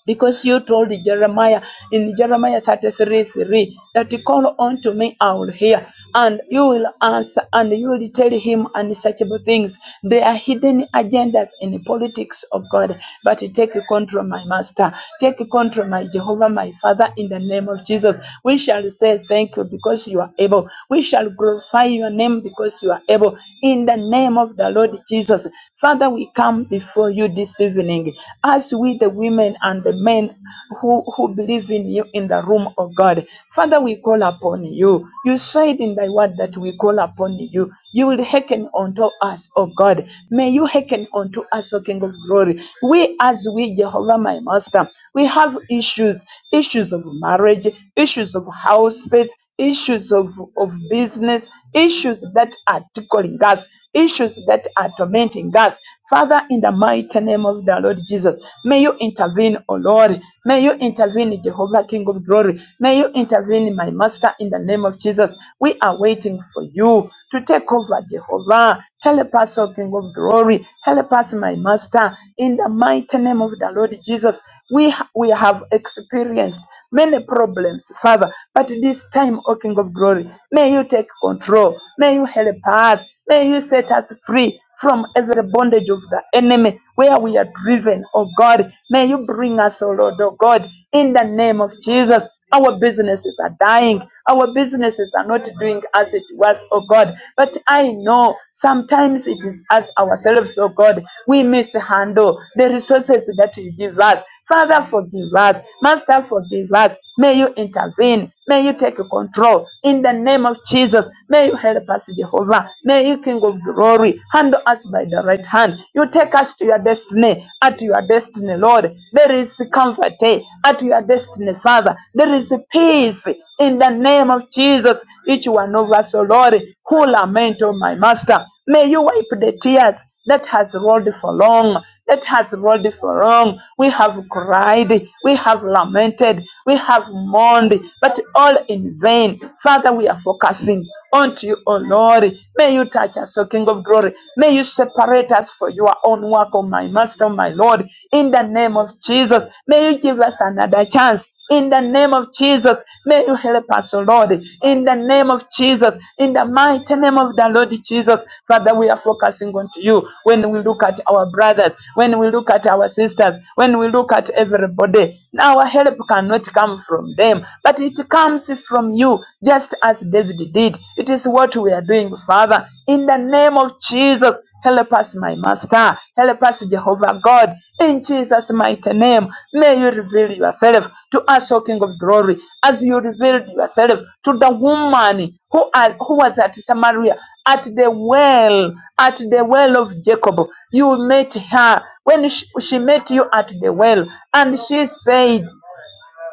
Because you told Jeremiah in Jeremiah 33 3 that call unto me, I will hear, and you will answer, and you will tell him unsearchable things. There are hidden agendas in the politics of God, but take control, my master. Take control, my Jehovah, my Father, in the name of Jesus. We shall say thank you because you are able. We shall glorify your name because you are able. In the name of the Lord Jesus. Father, we come before you this evening happening as we, the women and the men who, who believe in you in the room of God. Father, we call upon you. You said in thy word that we call upon you. You will hearken unto us, O God. May you hearken unto us, O King of glory. We, as we, Jehovah, my master, we have issues issues of marriage, issues of houses, issues of, of business, issues that are tickling us issues that are tormenting us. Father, in the mighty name of the Lord Jesus, may you intervene, O Lord. May you intervene, Jehovah, King of glory. May you intervene, my Master, in the name of Jesus. We are waiting for you to take over, Jehovah. Help us, O King of glory. Help us, my Master, in the mighty name of the Lord Jesus. We, ha- we have experienced many problems, Father, but this time, O King of Glory, may you take control. May you help us. May you set us free from every bondage of the enemy where we are driven, O God. May you bring us, O Lord, O God, in the name of Jesus. Our businesses are dying. Our businesses are not doing as it was, oh God. But I know some Sometimes it is us ourselves, oh God, we mishandle the resources that you give us. Father, forgive us. Master, forgive us. May you intervene. May you take control. In the name of Jesus, may you help us, Jehovah. May you, King of glory, handle us by the right hand. You take us to your destiny, at your destiny, Lord. There is comfort eh, at your destiny, Father. There is peace in the name of Jesus. Each one of us, oh Lord, who lament, oh my Master, May you wipe the tears that has rolled for long, that has rolled for long. We have cried, we have lamented, we have mourned, but all in vain. Father, we are focusing on you, O Lord. May you touch us, O King of Glory. May you separate us for your own work, O my Master, my Lord. In the name of Jesus, may you give us another chance in the name of Jesus, may you help us, O Lord. In the name of Jesus, in the mighty name of the Lord Jesus, Father, we are focusing on you. When we look at our brothers, when we look at our sisters, when we look at everybody, our help cannot come from them, but it comes from you, just as David did. It is what we are doing, Father. In the name of Jesus, Help us, my Master. Help us, Jehovah God. In Jesus' mighty name, may you reveal yourself to us, O King of Glory, as you revealed yourself to the woman who, are, who was at Samaria, at the well, at the well of Jacob. You met her when she, she met you at the well, and she said,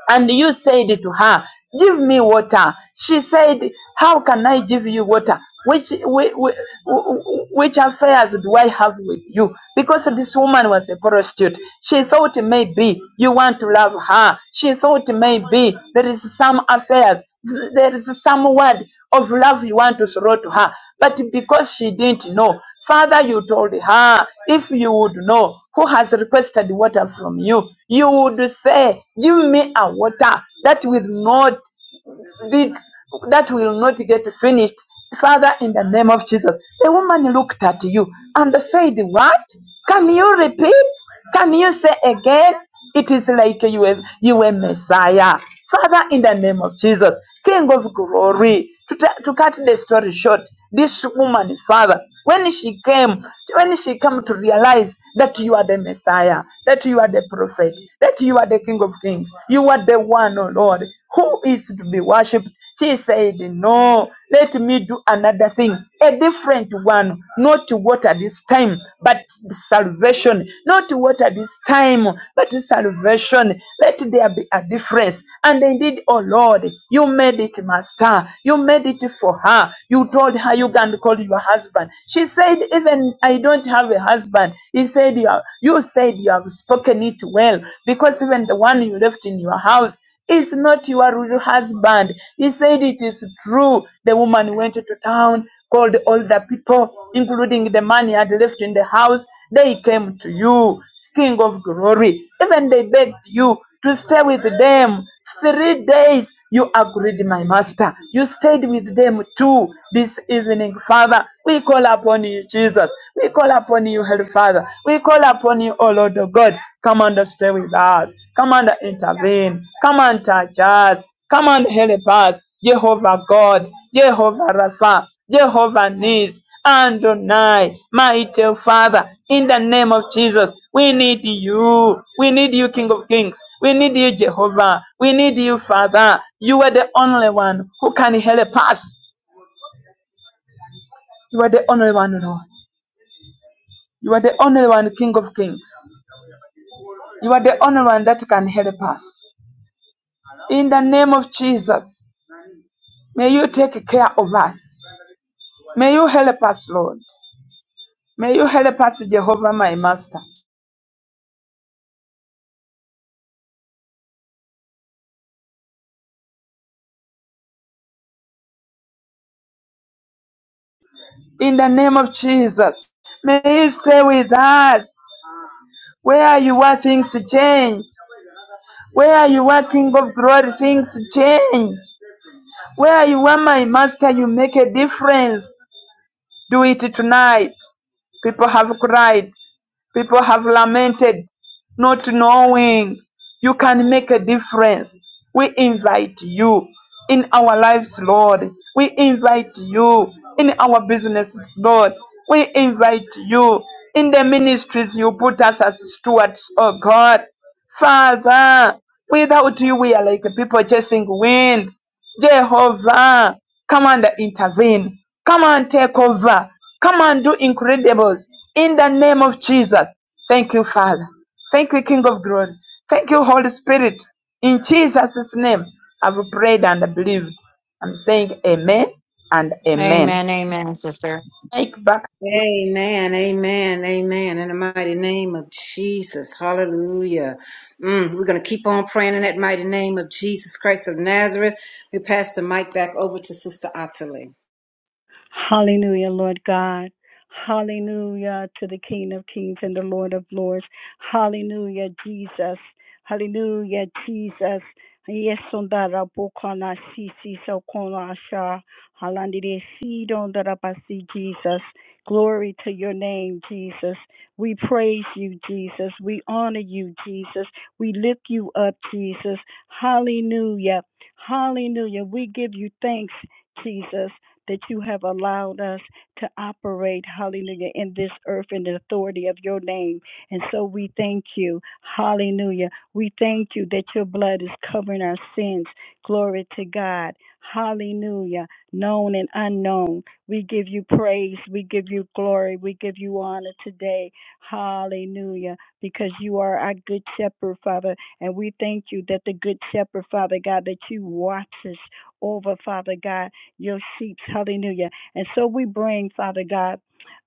and you said to her, Give me water. She said, How can I give you water? Which, which, which affairs do I have with you? Because this woman was a prostitute. She thought maybe you want to love her. She thought maybe there is some affairs, there is some word of love you want to throw to her. But because she didn't know, Father, you told her, if you would know who has requested water from you, you would say, Give me a water that will not be that will not get finished. Father, in the name of Jesus. The woman looked at you and said, What? Can you repeat? Can you say again? It is like you were, you were Messiah. Father, in the name of Jesus, King of glory, to, to cut the story short, this woman, Father, when she came, when she came to realize that you are the Messiah, that you are the prophet, that you are the King of Kings, you are the one, oh Lord, who is to be worshipped. She said, No, let me do another thing, a different one, not what at this time, but salvation, not what at this time, but salvation. Let there be a difference. And indeed, oh Lord, you made it, Master. You made it for her. You told her you can call your husband. She said, Even I don't have a husband. He said, You, are, you said you have spoken it well because even the one you left in your house is not your real husband. He said, It is true. The woman went to town, called all the people, including the man he had left in the house. They came to you. King of glory. Even they begged you to stay with them three days. You agreed, my master. You stayed with them too this evening, Father. We call upon you, Jesus. We call upon you, Holy Father. We call upon you, O Lord of God. Come and stay with us. Come and intervene. Come and touch us. Come and help us, Jehovah God, Jehovah Rapha, Jehovah Nis, Adonai, mighty Father, in the name of Jesus. We need you. We need you, King of Kings. We need you, Jehovah. We need you, Father. You are the only one who can help us. You are the only one, Lord. You are the only one, King of Kings. You are the only one that can help us. In the name of Jesus, may you take care of us. May you help us, Lord. May you help us, Jehovah, my master. In the name of Jesus, may you stay with us. Where you are, things change. Where you are, King of glory, things change. Where you are, my master, you make a difference. Do it tonight. People have cried. People have lamented not knowing you can make a difference. We invite you in our lives, Lord. We invite you in our business, Lord. We invite you in the ministries you put us as stewards, oh God. Father, without you, we are like people chasing wind. Jehovah, come and intervene. Come and take over. Come and do incredibles in the name of Jesus. Thank you, Father. Thank you, King of Glory. Thank you, Holy Spirit. In Jesus' name, I've prayed and believed. I'm saying amen and amen.
Amen, amen, sister.
Mike back
Amen. Amen. Amen. In the mighty name of Jesus. Hallelujah. Mm, we're going to keep on praying in that mighty name of Jesus Christ of Nazareth. We pass the mic back over to Sister Ottilie.
Hallelujah, Lord God. Hallelujah to the King of Kings and the Lord of Lords. Hallelujah, Jesus. Hallelujah, Jesus. Yes, on that Rabokana Sisi Sokona Sha Halandide Sidon Darabasi Jesus. Glory to your name, Jesus. We praise you, Jesus. We honor you, Jesus. We lift you up, Jesus. Hallelujah. Hallelujah. We give you thanks, Jesus that you have allowed us to operate, hallelujah, in this earth in the authority of your name. And so we thank you, hallelujah. We thank you that your blood is covering our sins. Glory to God, hallelujah, known and unknown. We give you praise, we give you glory, we give you honor today, hallelujah, because you are our good shepherd, Father. And we thank you that the good shepherd, Father God, that you watch us over, Father God your sheep. Hallelujah. And so we bring, Father God,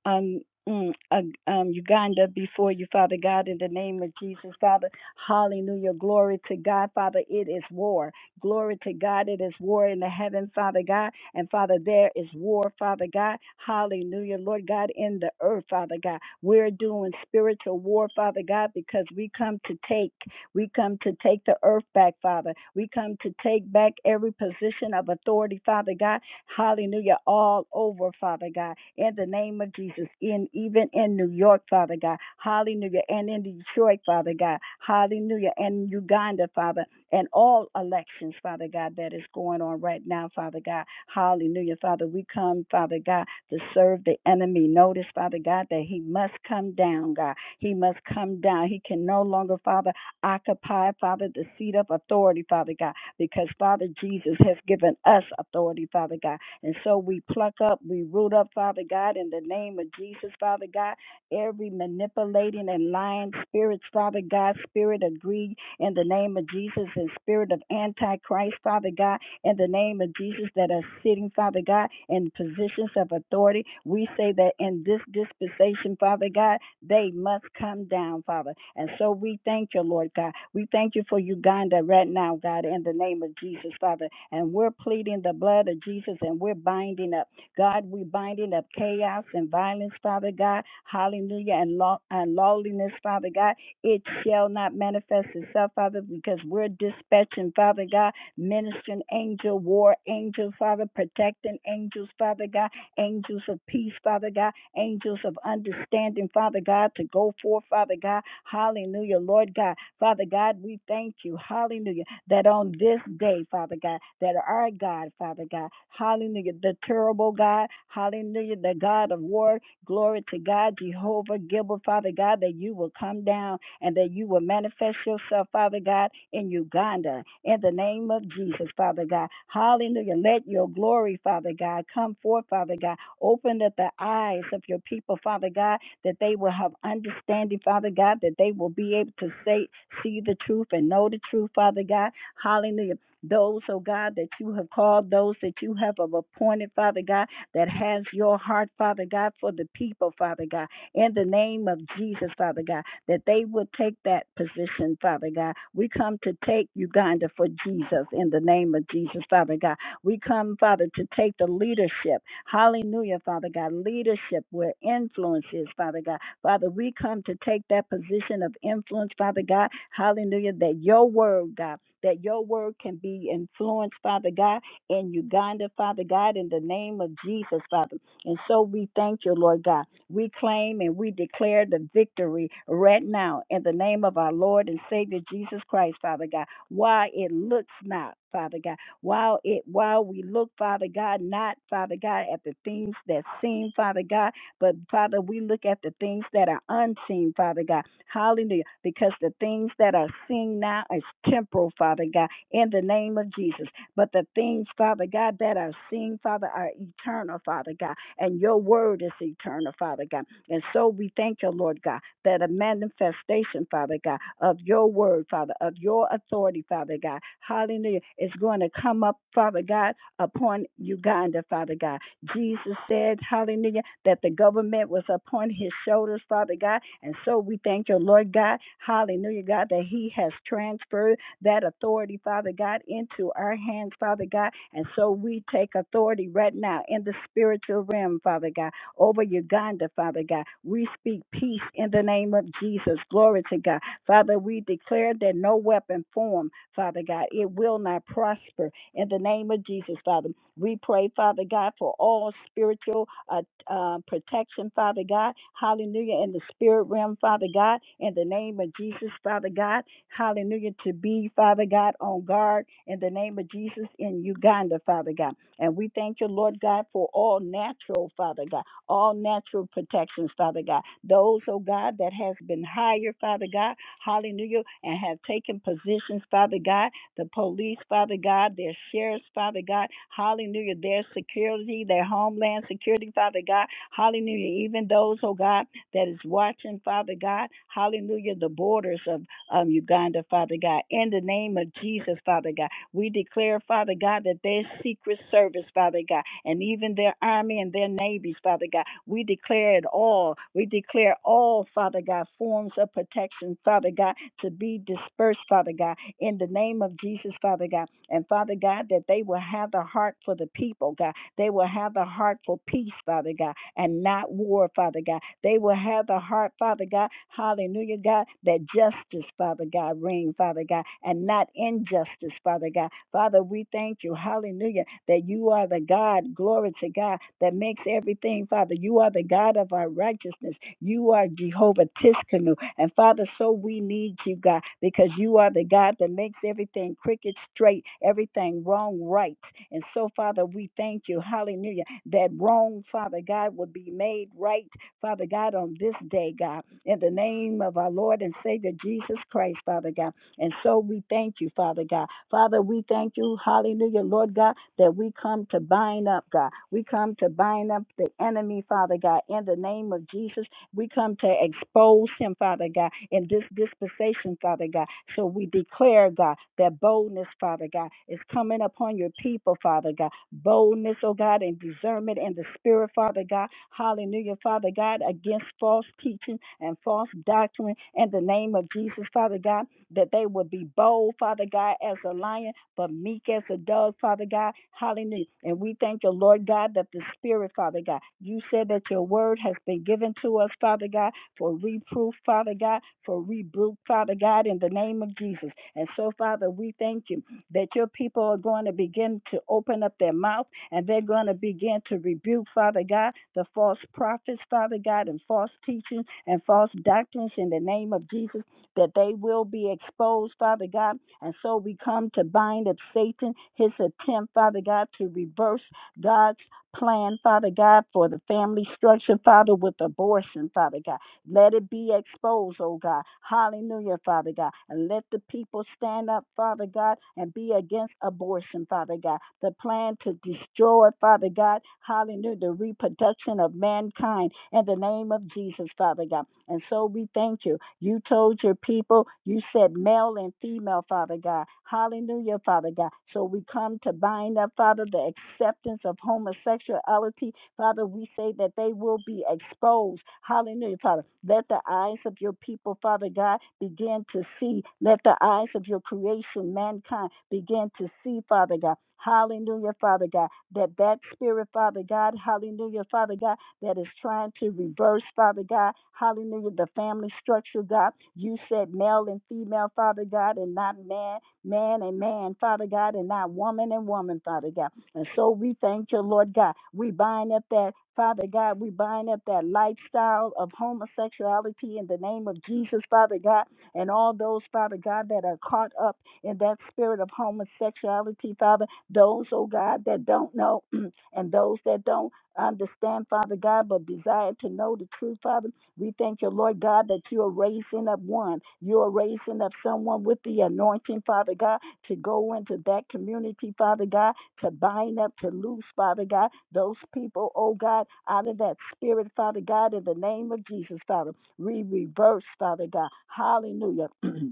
um, mm, uh, um, Uganda before you, Father God, in the name of Jesus, Father. Hallelujah. Glory to God, Father. It is war. Glory to God. It is war in the heaven, Father God. And Father, there is war, Father God. Hallelujah. Lord God, in the earth, Father God. We're doing spiritual war, Father God, because we come to take. We come to take the earth back, Father. We come to take back every position of authority, Father God, Hallelujah. All over, Father God. In the name of Jesus. In even in New York, Father God. Hallelujah. And in Detroit, Father God. Hallelujah. And Uganda, Father. And all elections, Father God, that is going on right now, Father God. Hallelujah. Father, we come, Father God, to serve the enemy. Notice, Father God, that he must come down, God. He must come down. He can no longer, Father, occupy, Father, the seat of authority, Father God because Father Jesus has given us authority, Father God. And so we pluck up, we root up, Father God, in the name of Jesus, Father God, every manipulating and lying spirits, Father God, spirit of greed in the name of Jesus, and spirit of antichrist, Father God, in the name of Jesus, that are sitting, Father God, in positions of authority. We say that in this dispensation, Father God, they must come down, Father. And so we thank you, Lord God. We thank you for Uganda right now, God, in the name of Jesus, Father. And we're pleading the blood of Jesus and we're binding up, God, we're binding up chaos and violence, Father God. Hallelujah. And, law, and lawlessness, Father God. It shall not manifest itself, Father, because we're dispatching, Father God, ministering angel, war angels, Father, protecting angels, Father God angels of peace, Father God, angels of understanding, Father God, to go forth, Father God. Hallelujah, Lord God. Father God, we thank you, hallelujah, that on this day, Father God, that our God, Father God, hallelujah, the terrible God, hallelujah, the God of war, glory to God, Jehovah Gilbert, Father God, that you will come down and that you will manifest yourself, Father God, in Uganda in the name of Jesus, Father God. Hallelujah. Let your glory, Father God, come forth, Father God. Open up the eyes of your people, Father God, that they will have understanding, Father God, that they will be able to say, see the truth and know the truth, Father God. Hallelujah. Those, oh God, that you have called, those that you have appointed, Father God, that has your heart, Father God, for the people, Father God in the name of Jesus, Father God that they would take that position, Father God. We come to take Uganda for Jesus in the name of Jesus, Father God. We come, Father, to take the leadership. Hallelujah, Father God. Leadership where influence is, Father God. Father, we come to take that position of influence, Father God. Hallelujah, that your word, God, that your word can be influenced, Father God, in Uganda, Father God, in the name of Jesus, Father. And so we thank you, Lord God. We claim and we declare the victory right now in the name of our Lord and Savior Jesus Christ, Father God. Why it looks not, Father God, while it while we look, Father God, not, Father God, at the things that seem, Father God, but Father, we look at the things that are unseen, Father God. Hallelujah. Because the things that are seen now is temporal, Father God, in the name of Jesus. But the things, Father God, that are seen, Father, are eternal, Father God and your word is eternal, Father God. And so we thank you, Lord God, that a manifestation, Father God, of your word, Father, of your authority, Father God, hallelujah, is going to come up, Father God, upon Uganda, Father God. Jesus said, hallelujah, that the government was upon his shoulders, Father God. And so we thank you, Lord God, hallelujah, God, that he has transferred that authority, Father God, into our hands, Father God. And so we take authority right now in the spiritual realm, Father God, over Uganda, Father God. We speak peace in the name of Jesus. Glory to God. Father, we declare that no weapon formed, Father God, it will not prosper in the name of Jesus, Father. We pray, Father God, for all spiritual uh, uh, protection, Father God. Hallelujah. In the spirit realm, Father God, in the name of Jesus, Father God. Hallelujah. To be, Father God, on guard in the name of Jesus in Uganda, Father God. And we thank you, Lord God, for all natural, Father God, all natural protections, Father God. Those, oh God, that has been hired, Father God, hallelujah, and have taken positions, Father God, the police, Father God, their sheriffs, Father God, hallelujah, their security, their homeland security, Father God, hallelujah, even those, oh God, that is watching, Father God, hallelujah, the borders of um, Uganda, Father God. In the name of Jesus, Father God, we declare, Father God, that their secret service, Father God, and even their army and their navies, Father God, we declare it all. We declare all, Father God, forms of protection, Father God, to be dispersed, Father God, in the name of Jesus, Father God. And Father God, that they will have the heart for the people, God they will have a heart for peace, Father God, and not war, Father God. They will have a heart, Father God, hallelujah, God, that justice, Father God, reign, Father God, and not injustice, Father God. Father, we thank you, hallelujah, that you are the God, glory to God, that makes everything, Father. You are the God of our righteousness. You are Jehovah Tiskanu. And Father, so we need you, God, because you are the God that makes everything crooked straight, everything wrong right. And so, Father, we thank you, hallelujah, that wrong, Father God, will be made right, Father God, on this day, God, in the name of our Lord and Savior Jesus Christ, Father God. And so we thank you, Father God. Father, we thank you, hallelujah, Lord God, that we come to bind up, God. We come to bind up the enemy, Father God, in the name of Jesus we come to expose him, Father God, in this dispensation, Father God. So we declare, God, that boldness, Father God, is coming upon your people, Father God. Boldness, oh God, and discernment in the spirit, Father God. Hallelujah, Father God, against false teaching and false doctrine in the name of Jesus, Father God, that they would be bold, Father God, as a lion but meek as a dove, Father God. Hallelujah. And we thank you, Lord God, that the Spirit, Father God, you said that your word has been given to us, Father God, for reproof, Father God, for rebuke, Father God, in the name of Jesus. And so, Father, we thank you that your people are going to begin to open up their mouth and they're going to begin to rebuke, Father God, the false prophets, Father God, and false teachings and false doctrines in the name of Jesus, that they will be exposed, Father God and so we come to bind up Satan, his attempt, Father God, to reverse God's plan, Father God, for the family structure, Father, with abortion, Father God. Let it be exposed, oh God. Hallelujah, Father God. And let the people stand up, Father God, and be against abortion, Father God. The plan to destroy, Father God, hallelujah, the reproduction of mankind in the name of Jesus, Father God. And so we thank you. You told your people, you said male and female, Father God. Hallelujah, Father God. So we come to bind up, Father, the acceptance of homosexuality. Father, we say that they will be exposed. Hallelujah, Father. Let the eyes of your people, Father God, begin to see. Let the eyes of your creation, mankind, begin to see, Father God. Hallelujah, Father God. That that spirit, Father God, hallelujah, Father God that is trying to reverse, Father God. Hallelujah. The family structure, God. You said male and female, Father God, and not man, man and man, Father God, and not woman and woman, Father God. And so we thank you, Lord God. We bind up that, Father God, we bind up that lifestyle of homosexuality in the name of Jesus, Father God, and all those, Father God, that are caught up in that spirit of homosexuality, Father. Those, oh God, that don't know *clears throat* and those that don't understand, Father God, but desire to know the truth, Father. We thank you, Lord God, that you are raising up one. You are raising up someone with the anointing, Father God, to go into that community, Father God, to bind up, to loose, Father God, those people, oh God, out of that spirit, Father God, in the name of Jesus, Father. We reverse, Father God. Hallelujah. *clears throat*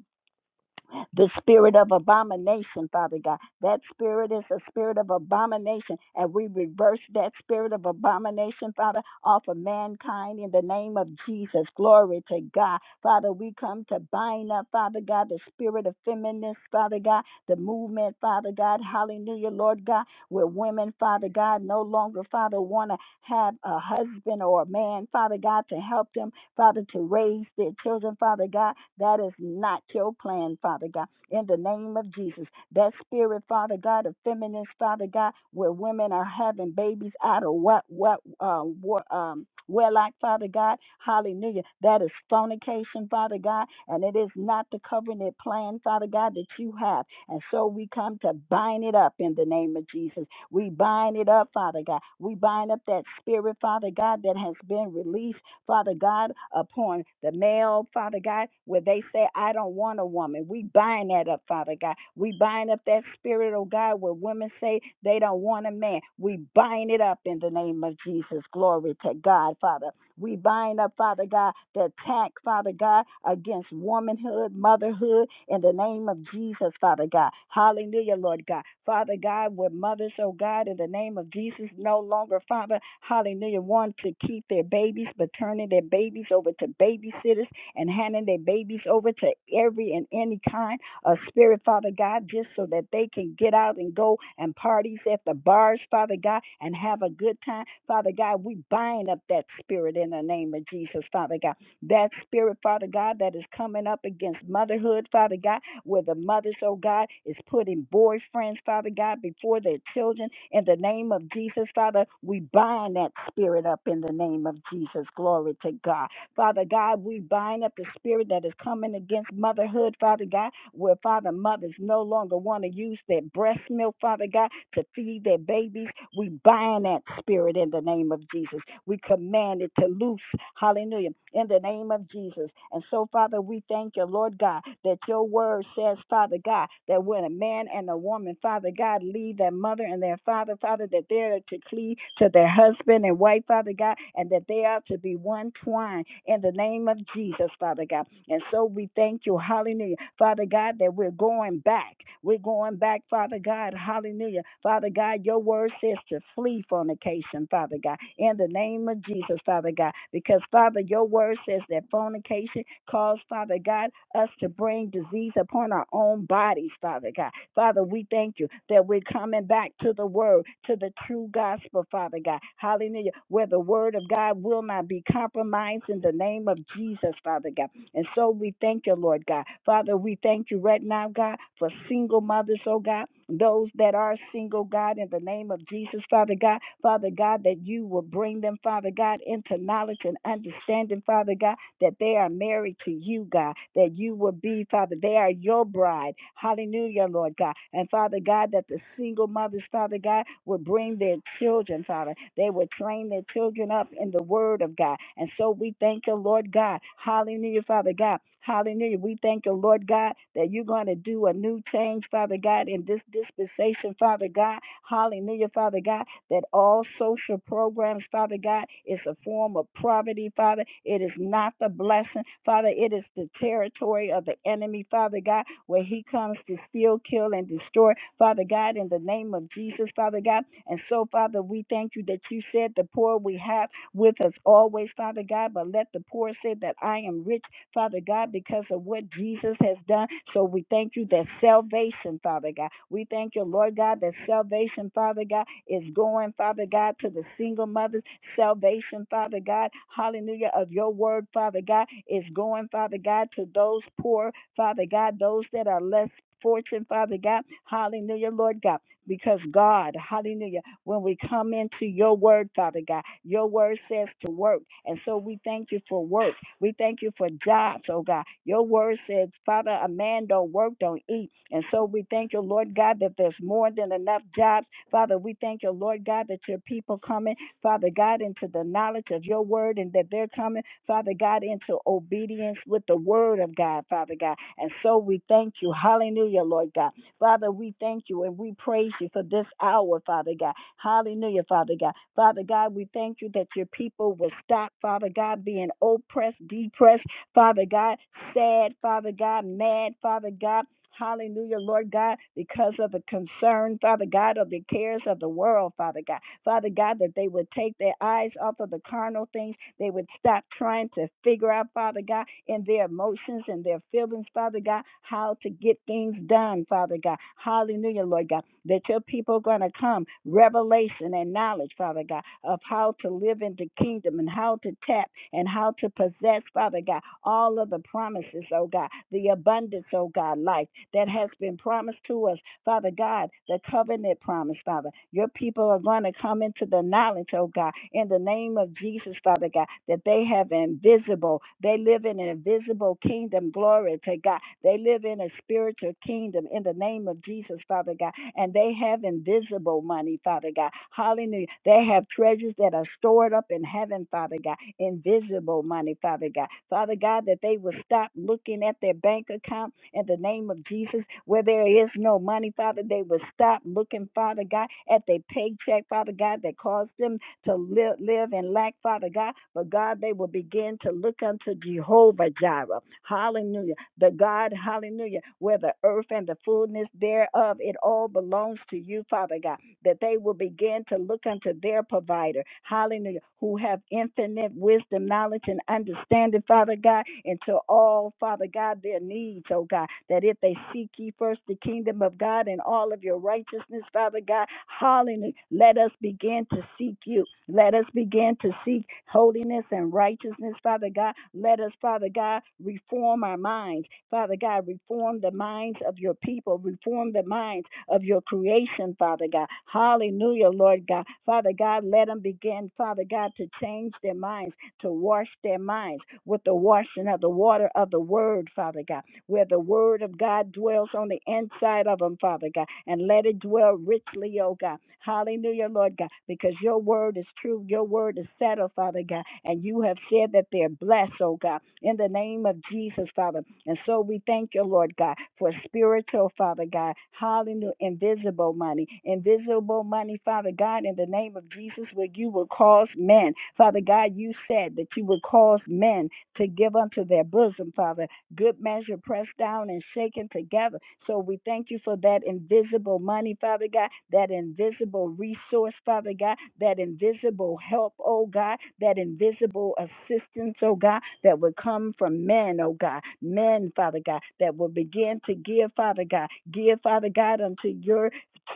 the spirit of abomination, Father God. That spirit is a spirit of abomination, and we reverse that spirit of abomination, Father, off of mankind in the name of Jesus. Glory to God. Father, we come to bind up, Father God, the spirit of feminists, Father God, the movement, Father God. Hallelujah, Lord God, where women, Father God, no longer, Father, want to have a husband or a man, Father God, to help them. Father, to raise their children, Father God. That is not your plan, Father God. In the name of Jesus, that spirit, Father God, of feminist, Father God, where women are having babies out of what, what, uh, what, um, Wellak, Father God, hallelujah. That is fornication, Father God, and it is not the covenant plan, Father God, that you have. And so we come to bind it up in the name of Jesus. We bind it up, Father God. We bind up that spirit, Father God, that has been released. Father God, upon the male, Father God, where they say, I don't want a woman. We bind that up, Father God. We bind up that spirit, oh God, where women say they don't want a man. We bind it up in the name of Jesus. Glory to God, Father. We bind up, Father God, the attack, Father God, against womanhood, motherhood, in the name of Jesus, Father God. Hallelujah, Lord God. Father God, with mothers, oh God, in the name of Jesus, no longer, Father, hallelujah, want to keep their babies, but turning their babies over to babysitters and handing their babies over to every and any kind uh, spirit, Father God, just so that they can get out and go and parties at the bars, Father God, and have a good time. Father God, we bind up that spirit in the name of Jesus, Father God. That spirit, Father God, that is coming up against motherhood, Father God, where the mothers, oh God, is putting boyfriends, Father God, before their children. In the name of Jesus, Father, we bind that spirit up in the name of Jesus. Glory to God. Father God, we bind up the spirit that is coming against motherhood, Father God, where Father mothers no longer want to use their breast milk, Father God, to feed their babies. We bind that spirit in the name of Jesus. We command it to loose. Hallelujah. In the name of Jesus. Jesus. And so, Father, we thank you, Lord God, that your word says, Father God, that when a man and a woman, Father God, leave their mother and their father, Father, that they're to cleave to their husband and wife, Father God, and that they are to be one twine in the name of Jesus, Father God. And so we thank you, hallelujah, Father God, that we're going back. We're going back, Father God, hallelujah. Father God, your word says to flee fornication, Father God, in the name of Jesus, Father God, because Father, your word says that fornication caused, Father God, us to bring disease upon our own bodies, Father God. Father, we thank you that we're coming back to the word, to the true gospel, Father God. Hallelujah. Where the word of God will not be compromised in the name of Jesus, Father God. And so we thank you, Lord God. Father, we thank you right now, God, for single mothers, oh God, those that are single, God, in the name of Jesus, Father God. Father God, that you will bring them, Father God, into knowledge and understanding, Father God that they are married to you, God, that you will be, Father, they are your bride. Hallelujah, Lord God. And Father God, that the single mothers, Father God, would bring their children, Father. They would train their children up in the word of God. And so we thank you, Lord God. Hallelujah, Father God. Hallelujah. We thank you, Lord God, that you're going to do a new change, Father God, in this dispensation, Father God. Hallelujah, Father God that all social programs, Father God, is a form of poverty, Father. It is not the blessing, Father. It is the territory of the enemy, Father God, where he comes to steal, kill, and destroy, Father God, in the name of Jesus, Father God. And so, Father, we thank you that you said the poor we have with us always, Father God, but let the poor say that I am rich Father God, because of what Jesus has done. So we thank you that salvation, Father God. We thank you, Lord God, that salvation, Father God, is going, Father God, to the single mothers. Salvation, Father God, hallelujah, of your word, Father God, is going, Father God, to those poor, Father God, those that are less. Fortune, Father God, hallelujah, Lord God. Because God, hallelujah, when we come into your word, Father God, your word says to work. And so we thank you for work. We thank you for jobs, oh God. Your word says, Father, a man don't work, don't eat. And so we thank you, Lord God, that there's more than enough jobs. Father, we thank you, Lord God, that your people coming, Father God, into the knowledge of your word and that they're coming, Father God, into obedience with the word of God, Father God. And so we thank you. Hallelujah, Lord God. Father, we thank you and we praise you for this hour, Father God. Hallelujah, Father God. Father God, we thank you that your people will stop, Father God, being oppressed, depressed, Father God, sad, Father God, mad, Father God. Hallelujah, Lord God, because of the concern, Father God, of the cares of the world, Father God. Father God, that they would take their eyes off of the carnal things they would stop trying to figure out, Father God, in their emotions and their feelings, Father God, how to get things done, Father God. Hallelujah, Lord God, that your people are going to come revelation and knowledge, Father God, of how to live in the kingdom and how to tap and how to possess, Father God, all of the promises, oh God, the abundance, oh God, life that has been promised to us, Father God, the covenant promise, Father. Your people are going to come into the knowledge, oh God, in the name of Jesus, Father God, that they have invisible, they live in an invisible kingdom. Glory to God. They live in a spiritual kingdom in the name of Jesus, Father God, and they have invisible soul money, Father God. Hallelujah. They have treasures that are stored up in heaven, Father God, invisible money, Father God. Father God, that they will stop looking at their bank account in the name of Jesus where there is no money, Father. They will stop looking, Father God, at their paycheck, Father God, that caused them to live, live in lack, Father God. But God, they will begin to look unto Jehovah Jireh. Hallelujah. The God, hallelujah, where the earth and the fullness thereof, it all belongs to you, Father God that they will begin to look unto their provider, hallelujah, who have infinite wisdom, knowledge, and understanding, Father God, into all, Father God, their needs, oh God, that if they seek ye first the kingdom of God and all of your righteousness, Father God, hallelujah, let us begin to seek you you. Let us begin to seek holiness and righteousness, Father God. Let us, Father God, reform our minds. Father God, reform the minds of your people, reform the minds of your creation, Father God. Hallelujah, Lord God. Father God, let them begin, Father God, to change their minds, to wash their minds with the washing of the water of the word, Father God where the word of God dwells on the inside of them, Father God, and let it dwell richly, oh God. Hallelujah, Lord God, because your word is true, your word is settled, Father God, and you have said that they're blessed, oh God, in the name of Jesus, Father. And so we thank you, Lord God, for spiritual, Father God, hallelujah, invisible money, invisible money, Father God, in the name of Jesus, where you will cause men, Father God, you said that you would cause men to give unto their bosom, Father good measure pressed down and shaken together. So we thank you for that invisible money, Father God, that invisible resource, Father God, that invisible help, oh God, that invisible assistance, oh God, that would come from men, oh God, men, Father God, that will begin to give, Father God, give, Father God, unto your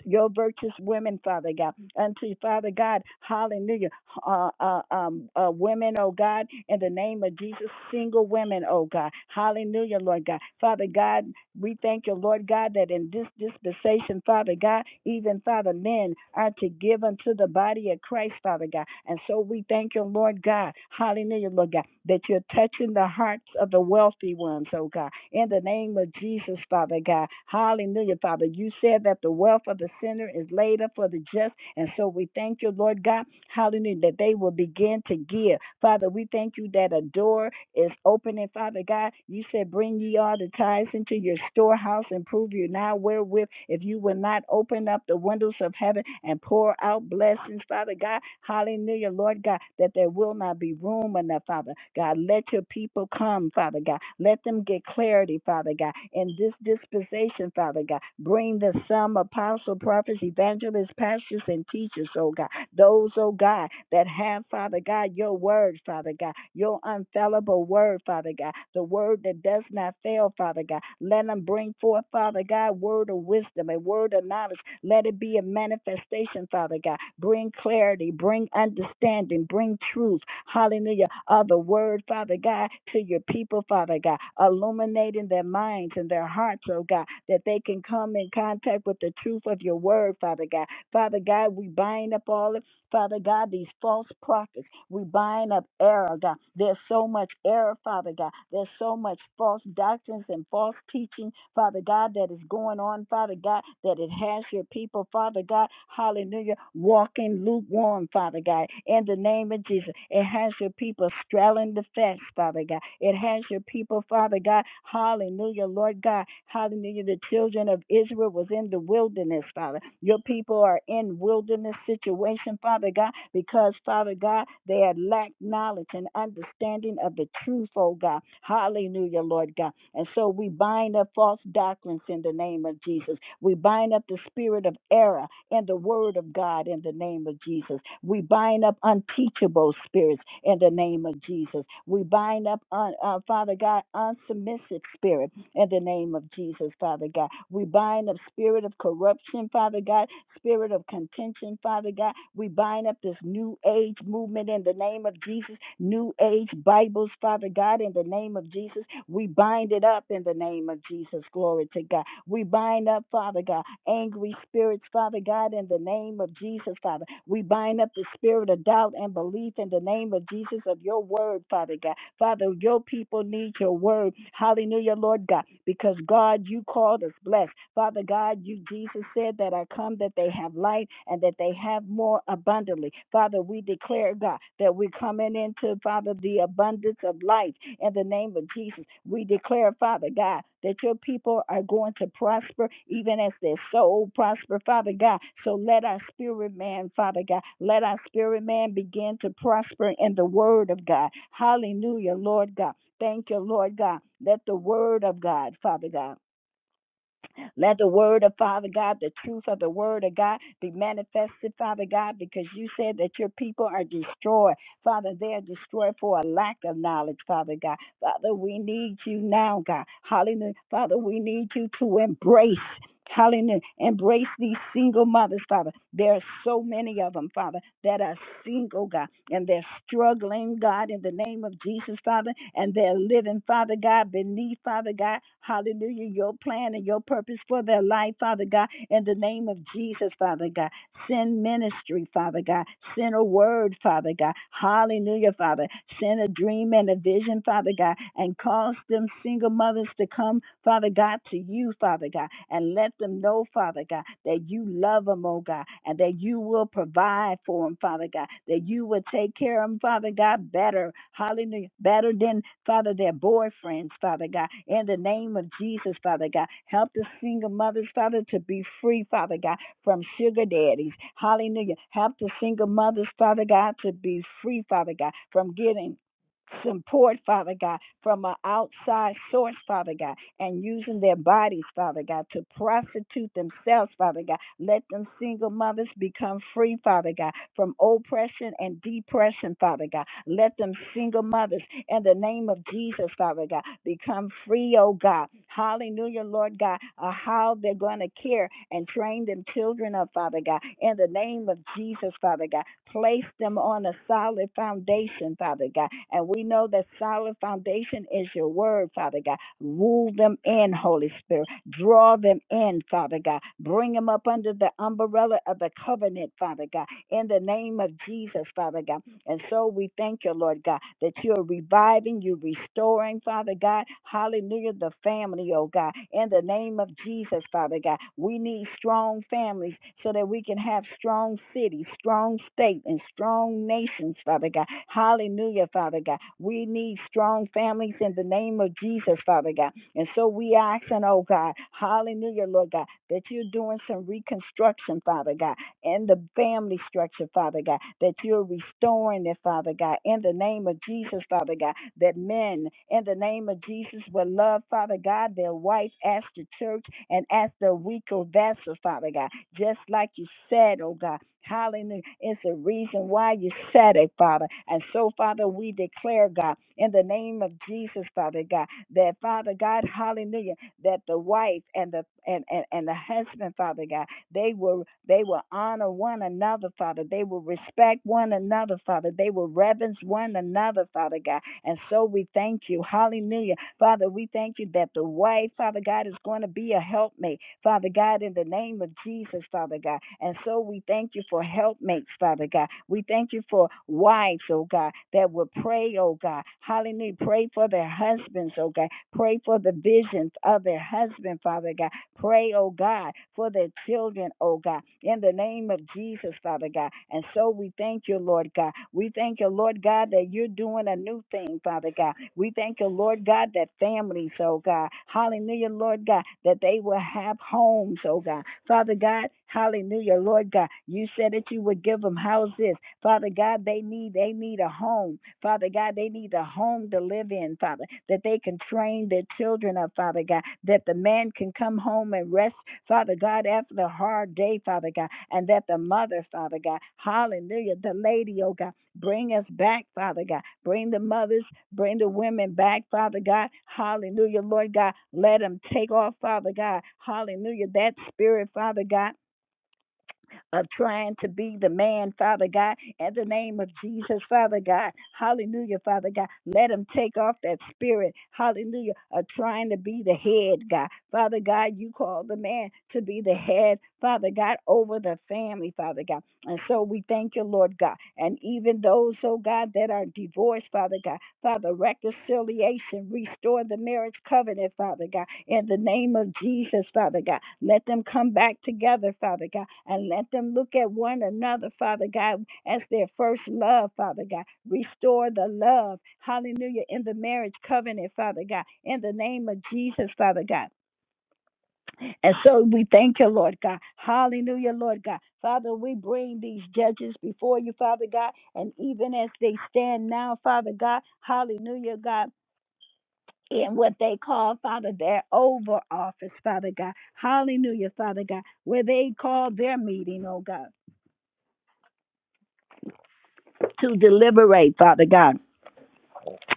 your virtuous women, Father God, unto Father God, hallelujah, uh, uh, um, uh, women, oh God, in the name of Jesus, single women, oh God, hallelujah, Lord God, Father God, we thank you, Lord God, that in this dispensation, Father God, even Father men are God, to give unto the body of Christ, Father God. And so we thank you, Lord God. Hallelujah, Lord God, that you're touching the hearts of the wealthy ones, oh God. In the name of Jesus, Father God. Hallelujah, Father. You said that the wealth of the sinner is laid up for the just. And so we thank you, Lord God. Hallelujah, that they will begin to give. Father, we thank you that a door is opening, Father God. You said, Bring ye all the tithes into your storehouse and prove you now wherewith, if you will not open up the windows of heaven and pour out blessings, Father God. Hallelujah, Lord God, that there will not be room enough, Father God. Let your people come, Father God. Let them get clarity, Father God. In this dispensation, Father God, bring the some apostle, prophets, evangelists, pastors, and teachers, oh God. Those, oh God, that have, Father God, your word, Father God, your unfallible word, Father God, the word that does not fail, Father God. Let them bring forth, Father God, word of wisdom and word of knowledge. Let it be a manifestation, Father God. Bring clarity, bring understanding, bring truth. Hallelujah. Of the word, Father God, to your people, Father God. Illuminating their minds and their hearts, oh God, that they can come in contact with the truth of your word, Father God. Father God, we bind up all Father God, these false prophets. We bind up error, God. There's so much error, Father God. There's so much false doctrines and false teaching, Father God, that is going on, Father God, that it has your people, Father God. Hallelujah. Walking lukewarm, Father God. In the name of Jesus, it has your people straddling the fence, Father God. It has your people, Father God. Hallelujah, Lord God. Hallelujah. The children of Israel was in the wilderness, Father. Your people are in wilderness situation, Father God, because, Father God, they had lacked knowledge and understanding of the truth, oh God. Hallelujah, Lord God. And so we bind up false doctrines in the name of Jesus. We bind up the spirit of error in the word of God in the name of Jesus. We bind up unteachable spirits in the name of Jesus. We bind up, un, uh, Father God, unsubmissive spirit in the name of Jesus, Father God. We bind up spirit of corruption, Father God, spirit of contention, Father God. We bind up this new age movement in the name of Jesus, new age Bibles, Father God, in the name of Jesus. We bind it up in the name of Jesus. Glory to God. We bind up, Father God, angry spirits, Father God, in the name of Jesus, Father. We bind up the spirit of doubt and belief in the name of Jesus of your word, Father God. Father, your people need your word. Hallelujah, Lord God, because God, you called us blessed. Father God, you, Jesus said that I come that they have life and that they have more abundantly. Father, we declare, God, that we're coming into, Father, the abundance of life in the name of Jesus. We declare, Father God, that your people are going to prosper even as their soul prosper, Father God. So let our spirit man, Father God, let our spirit man begin to prosper in the word of God. Hallelujah, Lord God. Thank you, Lord God. Let the word of God, Father God let the word of Father God, the truth of the word of God be manifested, Father God, because you said that your people are destroyed. Father, they are destroyed for a lack of knowledge, Father God. Father, we need you now, God. Hallelujah. Father, we need you to embrace. Hallelujah. Embrace these single mothers, Father. There are so many of them, Father, that are single, God, and they're struggling, God, in the name of Jesus, Father, and they're living, Father God, beneath, Father God. Hallelujah. Your plan and your purpose for their life, Father God, in the name of Jesus, Father God. Send ministry, Father God. Send a word, Father God. Hallelujah, Father. Send a dream and a vision, Father God, and cause them single mothers to come Father God, to you, Father God, and let them know, Father God, that you love them, oh God, and that you will provide for them, Father God, that you will take care of them, Father God, better, hallelujah, better than, Father, their boyfriends, Father God, in the name of Jesus, Father God. Help the single mothers, Father, to be free, Father God, from sugar daddies, hallelujah. Help the single mothers, Father God, to be free, Father God, from getting support, Father God, from an outside source, Father God and using their bodies, Father God, to prostitute themselves, Father God. Let them single mothers become free, Father God, from oppression and depression, Father God. Let them single mothers in the name of Jesus, Father God, become free, oh God. Hallelujah, Lord God, of how they're going to care and train them children up, Father God. In the name of Jesus, Father God, place them on a solid foundation, Father God. And we know that solid foundation is your word, Father God. Rule them in, Holy Spirit. Draw them in, Father God. Bring them up under the umbrella of the covenant, Father God. In the name of Jesus, Father God. And so we thank you, Lord God, that you're reviving, you're restoring, Father God. Hallelujah, the family, oh God. In the name of Jesus, Father God, we need strong families so that we can have strong cities, strong state, and strong nations, Father God. Hallelujah, Father God. We need strong families in the name of Jesus, Father God. And so we ask and oh God, hallelujah, Lord God, that you're doing some reconstruction, Father God in the family structure, Father God, that you're restoring it, Father God, in the name of Jesus, Father God, that men in the name of Jesus will love, Father God, their wife as the church and as the weaker vessel, Father God, just like you said, oh God. Hallelujah. It's the reason why you said it, Father. And so, Father, we declare, God, in the name of Jesus, Father God, that Father God, hallelujah, that the wife and the and, and, and the husband, Father God, they will they will honor one another, Father. They will respect one another, Father. They will reverence one another, Father God. And so we thank you. Hallelujah. Father, we thank you that the wife, Father God, is going to be a helpmate, Father God, in the name of Jesus, Father God. And so we thank you for helpmates, Father God. We thank you for wives, oh God, that will pray, oh God. Hallelujah. Pray for their husbands, oh God. Pray for the visions of their husband, Father God. Pray, oh God, for their children, oh God, in the name of Jesus, Father God. And so we thank you, Lord God. We thank you, Lord God, that you're doing a new thing, Father God. We thank you, Lord God, that families, oh God, hallelujah, Lord God, that they will have homes, oh God. Father God, hallelujah, Lord God, you said that you would give them houses Father God, they need they need a home. Father God, they need a home to live in, Father, that they can train their children up, Father God, that the man can come home and rest, Father God, after the hard day, Father God, and that the mother, Father God, hallelujah, the lady, oh God, bring us back, Father God. Bring the mothers, bring the women back, Father God. Hallelujah, Lord God. Let them take off, Father God. Hallelujah, that spirit, Father God of trying to be the man, Father God, in the name of Jesus, Father God. Hallelujah, Father God. Let him take off that spirit, hallelujah, of trying to be the head, God. Father God, you call the man to be the head, Father God, over the family, Father God. And so we thank you, Lord God. And even those, oh God, that are divorced, Father God, Father, reconciliation, restore the marriage covenant, Father God, in the name of Jesus, Father God. Let them come back together, Father God, and let them look at one another, Father God, as their first love, Father God. Restore the love, hallelujah, in the marriage covenant, Father God, in the name of Jesus, Father God. And so we thank you, Lord God. Hallelujah, Lord God. Father, we bring these judges before you, Father God, and even as they stand now, Father God, hallelujah, God in what they call, Father, their over office, Father God. Hallelujah, Father God, where they call their meeting, oh God, to deliberate, Father God.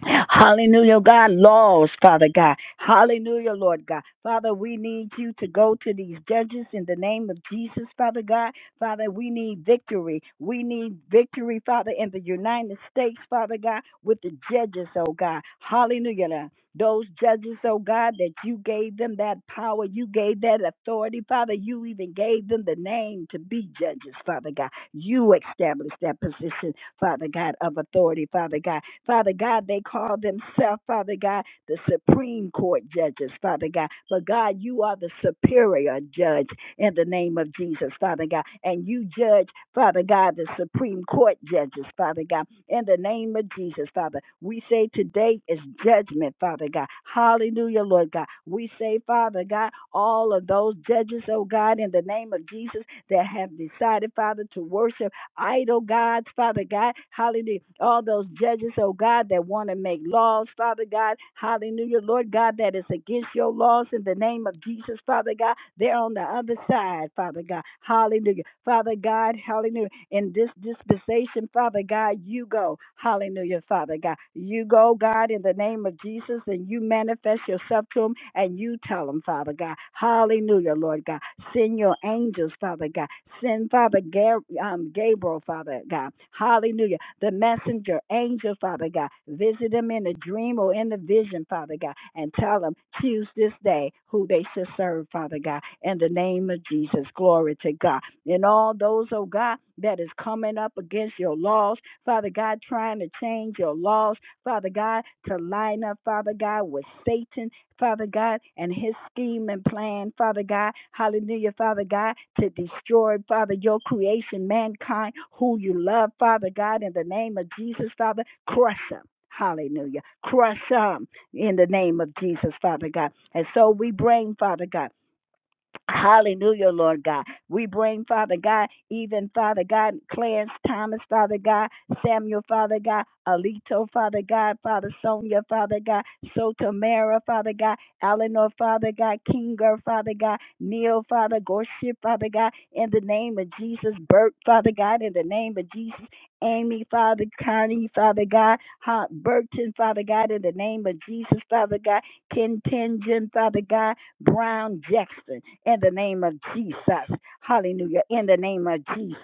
Hallelujah, God. Laws, Father God. Hallelujah, Lord God. Father, we need you to go to these judges in the name of Jesus, Father God. Father, we need victory. We need victory, Father, in the United States, Father God, with the judges, oh God. Hallelujah. Those judges, oh God, that you gave them that power, you gave that authority, Father. You even gave them the name to be judges, Father God. You established that position Father God, of authority, Father God. Father God, they call themselves, Father God, the Supreme Court judges, Father God. But God, you are the superior judge in the name of Jesus, Father God. And you judge, Father God, the Supreme Court judges, Father God, in the name of Jesus, Father. We say today is judgment, Father God. Hallelujah, Lord God. We say, Father God, all of those judges, oh God, in the name of Jesus, that have decided, Father, to worship idol gods, Father God. Hallelujah. All those judges, oh God, that want to make laws, Father God. Hallelujah. Lord God, that is against your laws in the name of Jesus, Father God. They're on the other side, Father God. Hallelujah. Father God, hallelujah. In this dispensation, Father God, you go. Hallelujah, Father God. You go, God, in the name of Jesus, and and you manifest yourself to them and you tell them, Father God. Hallelujah, Lord God. Send your angels, Father God. Send Father um, Gabriel, Father God. Hallelujah. The messenger angel, Father God. Visit them in a dream or in a vision, Father God, and tell them, choose this day who they should serve, Father God. In the name of Jesus, glory to God. And all those, oh God, that is coming up against your laws, Father God, trying to change your laws Father God, to line up, Father God, with Satan, Father God, and his scheme and plan, Father God, hallelujah, Father God, to destroy, Father, your creation, mankind, who you love, Father God, in the name of Jesus, Father, crush them. Hallelujah. Crush them in the name of Jesus, Father God. And so we bring, Father God. Hallelujah, Lord God. We bring, Father God, even Father God, Clarence Thomas, Father God, Samuel, Father God, Alito, Father God, Father Sonia, Father God, Sotomara, Father God, Eleanor, Father God, Kinger, Father God, Neil, Father, Gorship, Father God, in the name of Jesus, Bert, Father God, in the name of Jesus, Amy, Father, Connie, Father God, Ha- Burton, Father God, in the name of Jesus, Father God, Ken Father God, Brown Jackson in the name of Jesus. Hallelujah. In the name of Jesus.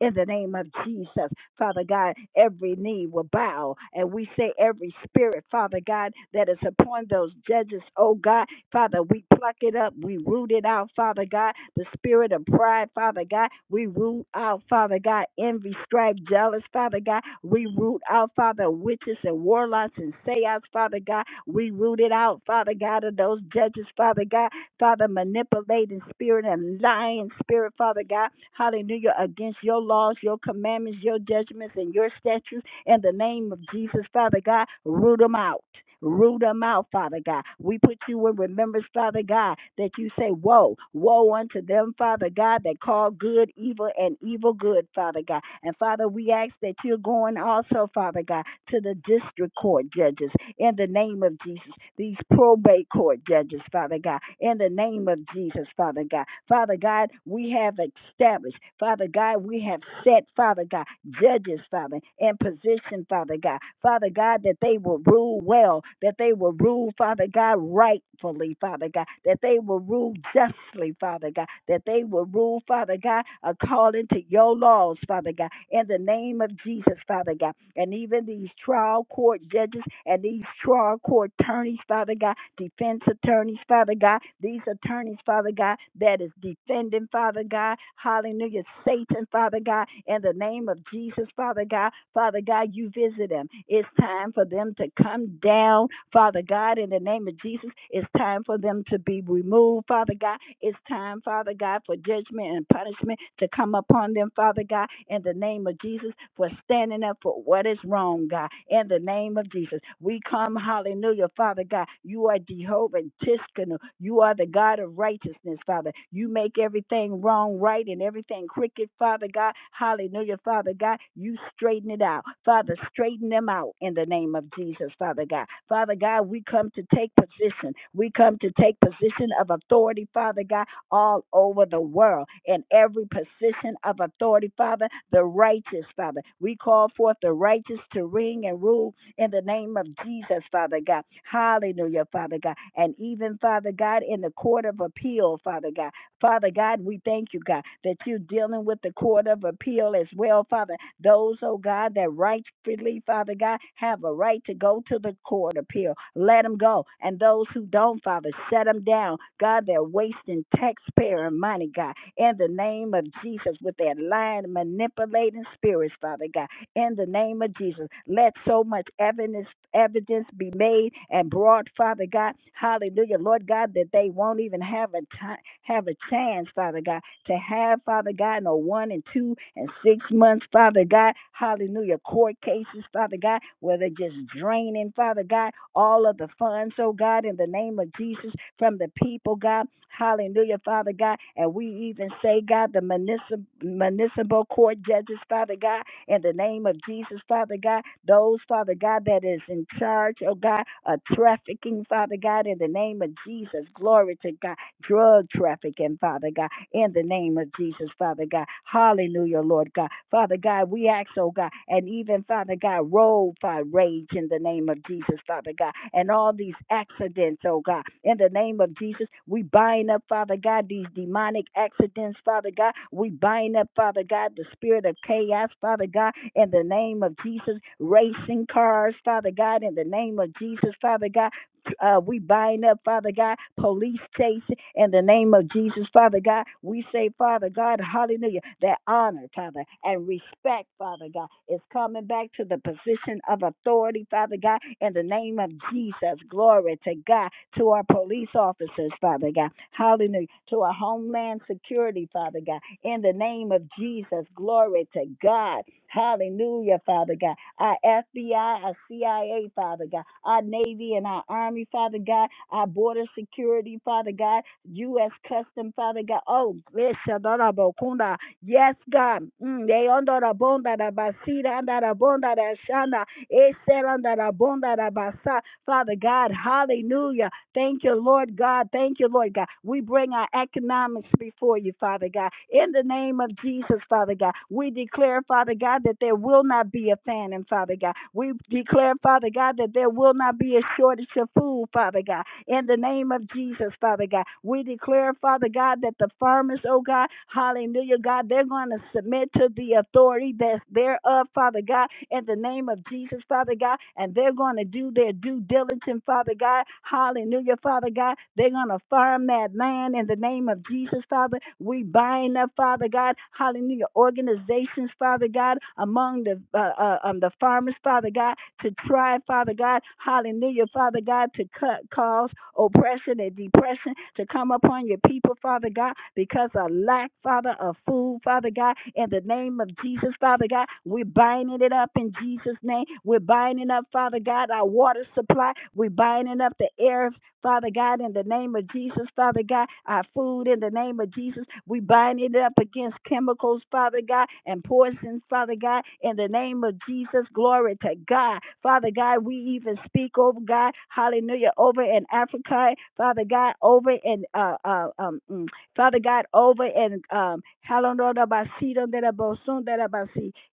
In the name of Jesus, Father God, every knee will bow. And we say, every spirit, Father God, that is upon those judges, oh God, Father, we pluck it up. We root it out, Father God. The spirit of pride, Father God, we root out, Father God. Envy, strife, jealous, Father God, we root out, Father, witches and warlocks and seance, Father God. We root it out, Father God, of those judges, Father God. Father, manipulating spirit and lying spirit, Father God. Hallelujah. Against your laws, your commandments, your judgments, and your statutes in the name of Jesus, Father God. Root them out. Root them out, Father God. We put you in remembrance, Father God, that you say, Woe, woe unto them, Father God, that call good evil and evil good, Father God. And Father, we ask that you're going also, Father God, to the district court judges in the name of Jesus, these probate court judges, Father God, in the name of Jesus, Father God. Father God, we have established. Father God, we have set, Father God, judges, Father, in position, Father God. Father God, that they will rule well, that they will rule, Father God, rightfully, Father God, that they will rule justly, Father God, that they will rule, Father God, according to your laws, Father God, in the name of Jesus, Father God. And even these trial court judges and these trial court attorneys, attorneys, Father God, defense attorneys, Father God, these attorneys, Father God, that is defending, Father God, hallelujah, Satan, Father God, in the name of Jesus, Father God, Father God, you visit them. It's time for them to come down, Father God, in the name of Jesus. It's time for them to be removed, Father God. It's time, Father God, for judgment and punishment to come upon them, Father God, in the name of Jesus for standing up for what is wrong, God. In the name of Jesus, we come, hallelujah, Father God. You are Jehovah Tiskanu. You are the God of righteousness, Father. You make everything wrong right and everything crooked, Father God. Hallelujah, Father God. You straighten it out. Father, straighten them out in the name of Jesus, Father God. Father God, we come to take position. We come to take position of authority, Father God all over the world in every position of authority, Father, the righteous, Father. We call forth the righteous to reign and rule in the name of Jesus, Father God. Hallelujah, Father God. And even, Father God, in the court of appeal, Father God. Father God, we thank you, God, that you're dealing with the court of appeal as well, Father those, oh God, that rightfully, Father God, have a right to go to the court appeal, let them go. And those who don't, Father, set them down. God, they're wasting taxpayer money, God, in the name of Jesus, with that lying, manipulating spirits, Father God, in the name of Jesus. Let so much evidence evidence be made and brought, Father God. Hallelujah, Lord God, that they won't even have a time, have a chance, Father God to have, Father God, no one and two and six months, Father God, hallelujah, court cases, Father God, where they're just draining, Father God, all of the funds, oh God, in the name of Jesus, from the people, God, hallelujah, Father God, and we even say, God, the municipal, municipal court judges, Father God, in the name of Jesus, Father God, those, Father God, that is in charge, oh God, of trafficking, Father God, in the name of Jesus, glory to God, drug trafficking, Father God in the name of Jesus, Father God. Hallelujah, Lord God. Father God, we ask, oh God, and even, Father God, road by rage in the name of Jesus, Father God, and all these accidents, oh God, in the name of Jesus, we bind up, Father God, these demonic accidents, Father God. We bind up, Father God, the spirit of chaos, Father God, in the name of Jesus, racing cars, Father God, in the name of Jesus, Father God uh, we bind up, Father God, police chase in the name of Jesus, Father God. We say, Father God, hallelujah, that honor, Father, and respect, Father God, is coming back to the position of authority, Father God, in the name of Jesus. Glory to God, to our police officers, Father God, hallelujah, to our homeland security, Father God, in the name of Jesus. Glory to God. Hallelujah, Father God. Our FBI, our CIA, Father God. Our Navy and our Army, Father God. Our Border Security, Father God. U.S. Custom, Father God. Oh, yes, Yes, God. Mm, they under the bonda da basira, under the bonda da shanda, eh, said under the bonda da basa. Father God, hallelujah. Thank you, Lord God. Thank you, Lord God. We bring our economics before you, Father God. In the name of Jesus, Father God, we declare, Father God, that there will not be a famine, Father God. We declare, Father God, that there will not be a shortage of food, Father God in the name of Jesus, Father God. We declare, Father God, that the farmers, oh God, hallelujah, God, they're going to submit to the authority that's thereof, Father God, in the name of Jesus, Father God, and they're going to do their due diligence, Father God, hallelujah, Father God. They're going to farm that land in the name of Jesus, Father. We bind up, Father God, hallelujah, organizations nations, Father God, among the uh, uh, um, the farmers, Father God, to try, Father God, hallelujah, Father God, to cut cause oppression and depression to come upon your people, Father God, because of lack, Father, of food, Father God, in the name of Jesus, Father God, we're binding it up in Jesus' name. We're binding up, Father God, our water supply. We're binding up the air, Father God, in the name of Jesus, Father God, our food in the name of Jesus, we bind it up against chemicals, Father God, and poisons, Father God, in the name of Jesus, glory to God. Father God, we even speak over God, hallelujah, over in Africa, Father God, over in, uh, uh, um, mm, Father God, over in, um, hallelujah,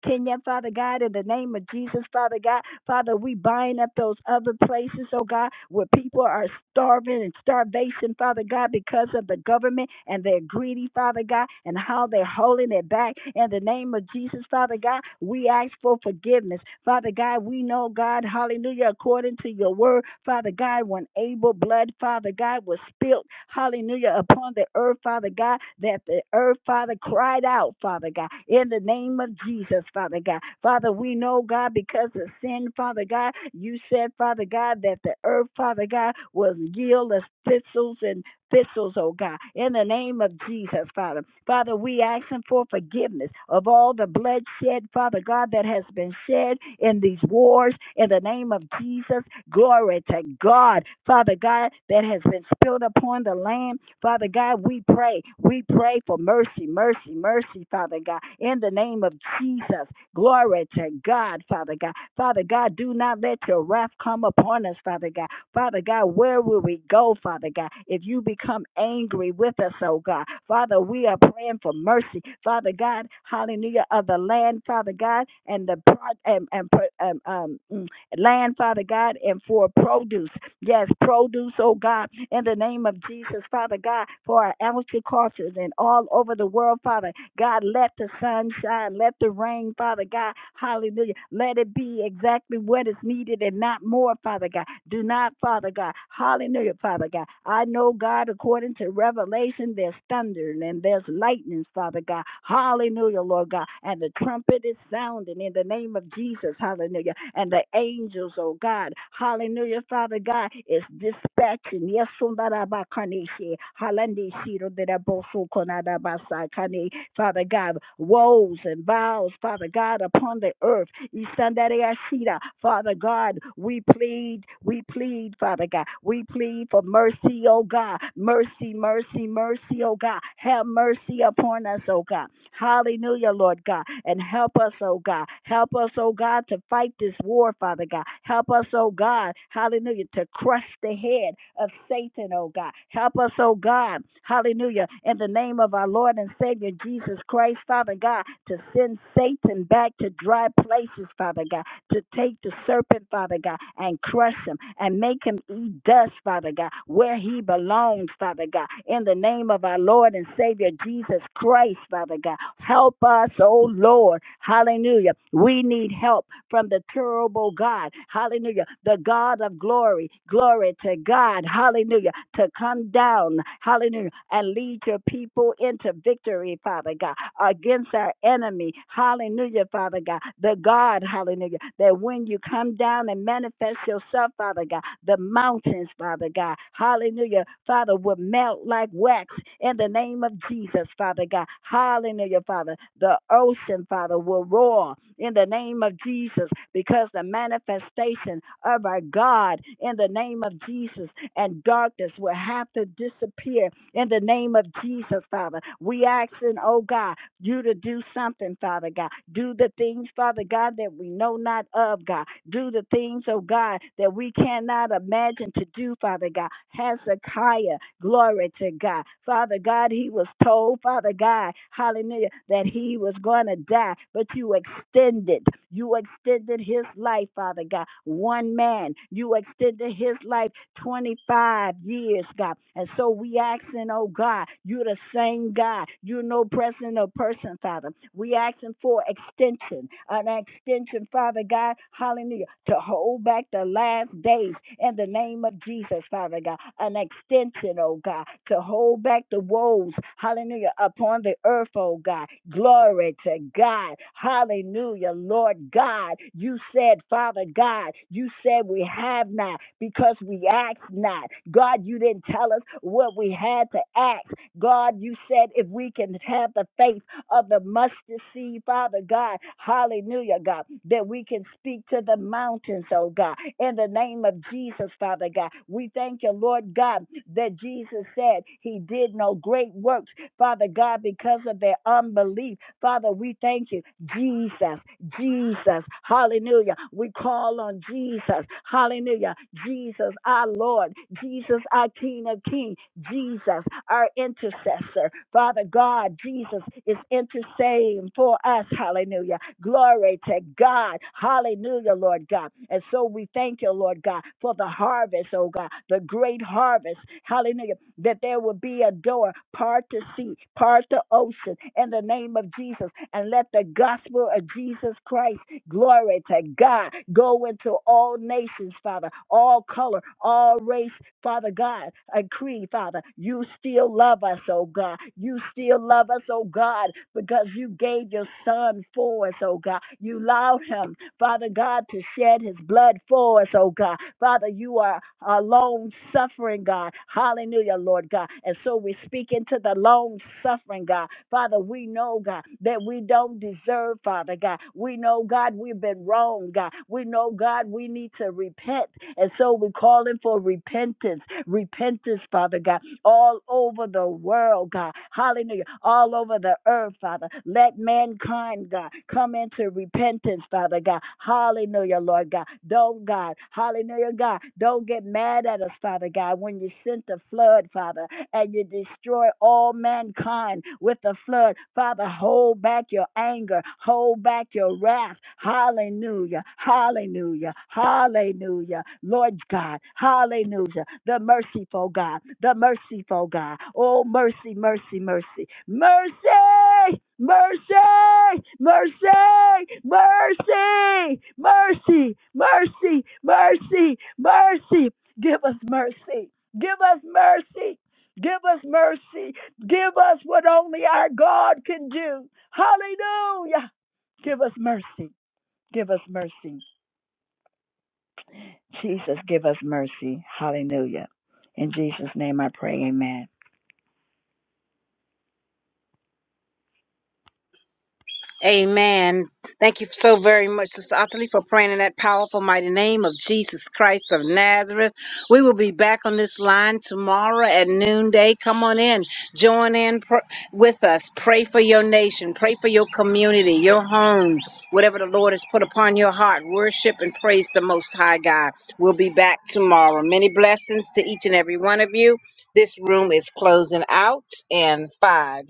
Kenya, Father God, in the name of Jesus, Father God, Father, we bind up those other places, oh God, where people are starving and starvation, Father God, because of the government and they're greedy, Father God, and how they're holding it back. In the name of Jesus, Father God, we ask for forgiveness. Father God, we know, God, hallelujah, according to your word, Father. Father God, when Abel blood, Father God, was spilt, hallelujah, upon the earth, Father God, that the earth, Father, cried out, Father God, in the name of Jesus, Father God. Father, we know, God, because of sin, Father God, you said, Father God, that the earth, Father God, was yield as thistles and thistles, oh God, in the name of Jesus, Father. Father, we ask Him for forgiveness of all the blood shed, Father God, that has been shed in these wars, in the name of Jesus. Glory to God, Father God, that has been spilled upon the land. Father God, we pray, we pray for mercy, mercy, mercy, Father God, in the name of Jesus. Glory to God, Father God. Father God, do not let your wrath come upon us, Father God. Father God, where will we go, Father God, if you become angry with us, oh God? Father, we are praying for mercy, Father God, hallelujah, of the land, Father God, and the pro- and, and, um, um, mm, land, Father God, and for produce. Yes, produce, oh God, in the name of Jesus, Father God, for our agriculture and all over the world, Father. God, let the sun shine, let the rain, Father God, hallelujah. Let it be exactly what is needed and not more, Father God. Do not, Father God, hallelujah, Father God. I know, God, according to Revelation, there's thunder and there's lightnings, Father God, hallelujah, Lord God, and the the trumpet is sounding in the name of Jesus. Hallelujah. And the angels, oh God. Hallelujah, Father God, is dispatching. Yes, Sundarabakaneshi, Halandeshi, Roderabosukondabasakane. Father God, woes and vows, Father God, upon the earth. Isandareashira. Father God, we plead, we plead, Father God, we plead for mercy, oh God, mercy, mercy, mercy, oh God, have mercy upon us, oh God. Hallelujah, Lord God. And help us, oh God. Help us, oh God, to fight this war, Father God. Help us, oh God. Hallelujah, to crush the head of Satan, oh God. Help us, oh God. Hallelujah. In the name of our Lord and Savior Jesus Christ, Father God, to send Satan back to dry places, Father God to take the serpent, Father God, and crush him and make him eat dust, Father God, where he belongs, Father God. In the name of our Lord and Savior Jesus Christ, Father God, help us, oh Lord. Hallelujah. We need help from the terrible God. Hallelujah. The God of glory. Glory to God. Hallelujah. To come down. Hallelujah. And lead your people into victory, Father God, against our enemy. Hallelujah, Father God. The God, hallelujah. That when you come down and manifest yourself, Father God, the mountains, Father God, hallelujah, Father, would melt like wax in the name of Jesus, Father God, hallelujah, Father. The ocean, Father, will roar in the name of Jesus because the manifestation of our God in the name of Jesus and darkness will have to disappear in the name of Jesus, Father. We ask, and oh God, you to do something, Father God. Do the things, Father God, that we know not of, God. Do the things, oh God, that we cannot imagine to do, Father God. Hezekiah, glory to God. Father God, he was told, Father God, hallelujah, that he was going to die, but you extended. You extended his life, Father God. One man, you extended his life 25 years, God. And so we asking, oh God, you're the same God. You're no person or person, Father. We asking for extension, an extension, Father God, hallelujah, to hold back the last days in the name of Jesus, Father God. An extension intervention, oh God, to hold back the woes, hallelujah, upon the earth, oh God. Glory to God. Hallelujah, Lord God. You said, Father God, you said we have not because we ask not. God, you didn't tell us what we had to ask. God, you said if we can have the faith of the mustard seed, Father God. Hallelujah, God, that we can speak to the mountains, oh God, in the name of Jesus, Father God. We thank you, Lord God, that Jesus said he did no great works Father God, because of their unbelief. Father, we thank you. Jesus, Jesus, hallelujah. We call on Jesus, hallelujah. Jesus, our Lord, Jesus, our King of Kings, Jesus, our intercessor. Father God, Jesus is interceding for us, hallelujah. Glory to God, hallelujah, Lord God. And so we thank you, Lord God, for the harvest, oh God, the great harvest, hallelujah that there will be a door, part to sea, part to ocean, in the name of Jesus. And let the gospel of Jesus Christ, glory to God, go into all nations, Father, all color, all race, Father God. I creed, Father, you still love us, oh God. You still love us, oh God, because you gave your son for us, oh God. You allowed him Father God, to shed his blood for us, oh God. Father, you are a long suffering God. Hallelujah, Lord God. And so we speak into the long suffering God. Father, we know, God, that we don't deserve, Father God. We know, God, we've been wrong, God. We know, God, we need to repent. And so we're calling for repentance repentance, Father God, all over the world, God. Hallelujah. All over the earth, Father. Let mankind, God, come into repentance, Father God. Hallelujah, Lord God. Don't, God. Hallelujah, God. Don't get mad at us, Father God, when you sent the flood, Father and you destroy all mankind with the flood. Father, hold back your anger, hold back your wrath. Hallelujah, hallelujah, hallelujah. Lord God, hallelujah. The merciful God, the merciful God. Oh, mercy, mercy, mercy, mercy. Mercy, mercy, mercy, mercy, mercy, mercy, mercy. Give us mercy. Give us mercy. Give us mercy. Give us what only our God can do. Hallelujah. Give us mercy. Give us mercy. Jesus, give us mercy. Hallelujah. In Jesus' name I pray. Amen.
Amen. Thank you so very much, Sister Ottilie, for praying in that powerful, mighty name of Jesus Christ of Nazareth. We will be back on this line tomorrow at noonday. Come on in, join in pr- with us. Pray for your nation, pray for your community, your home, whatever the Lord has put upon your heart. Worship and praise the Most High God. We'll be back tomorrow. Many blessings to each and every one of you. This room is closing out in five,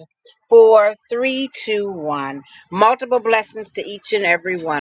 four, three, two, one. Multiple blessings to each and every one.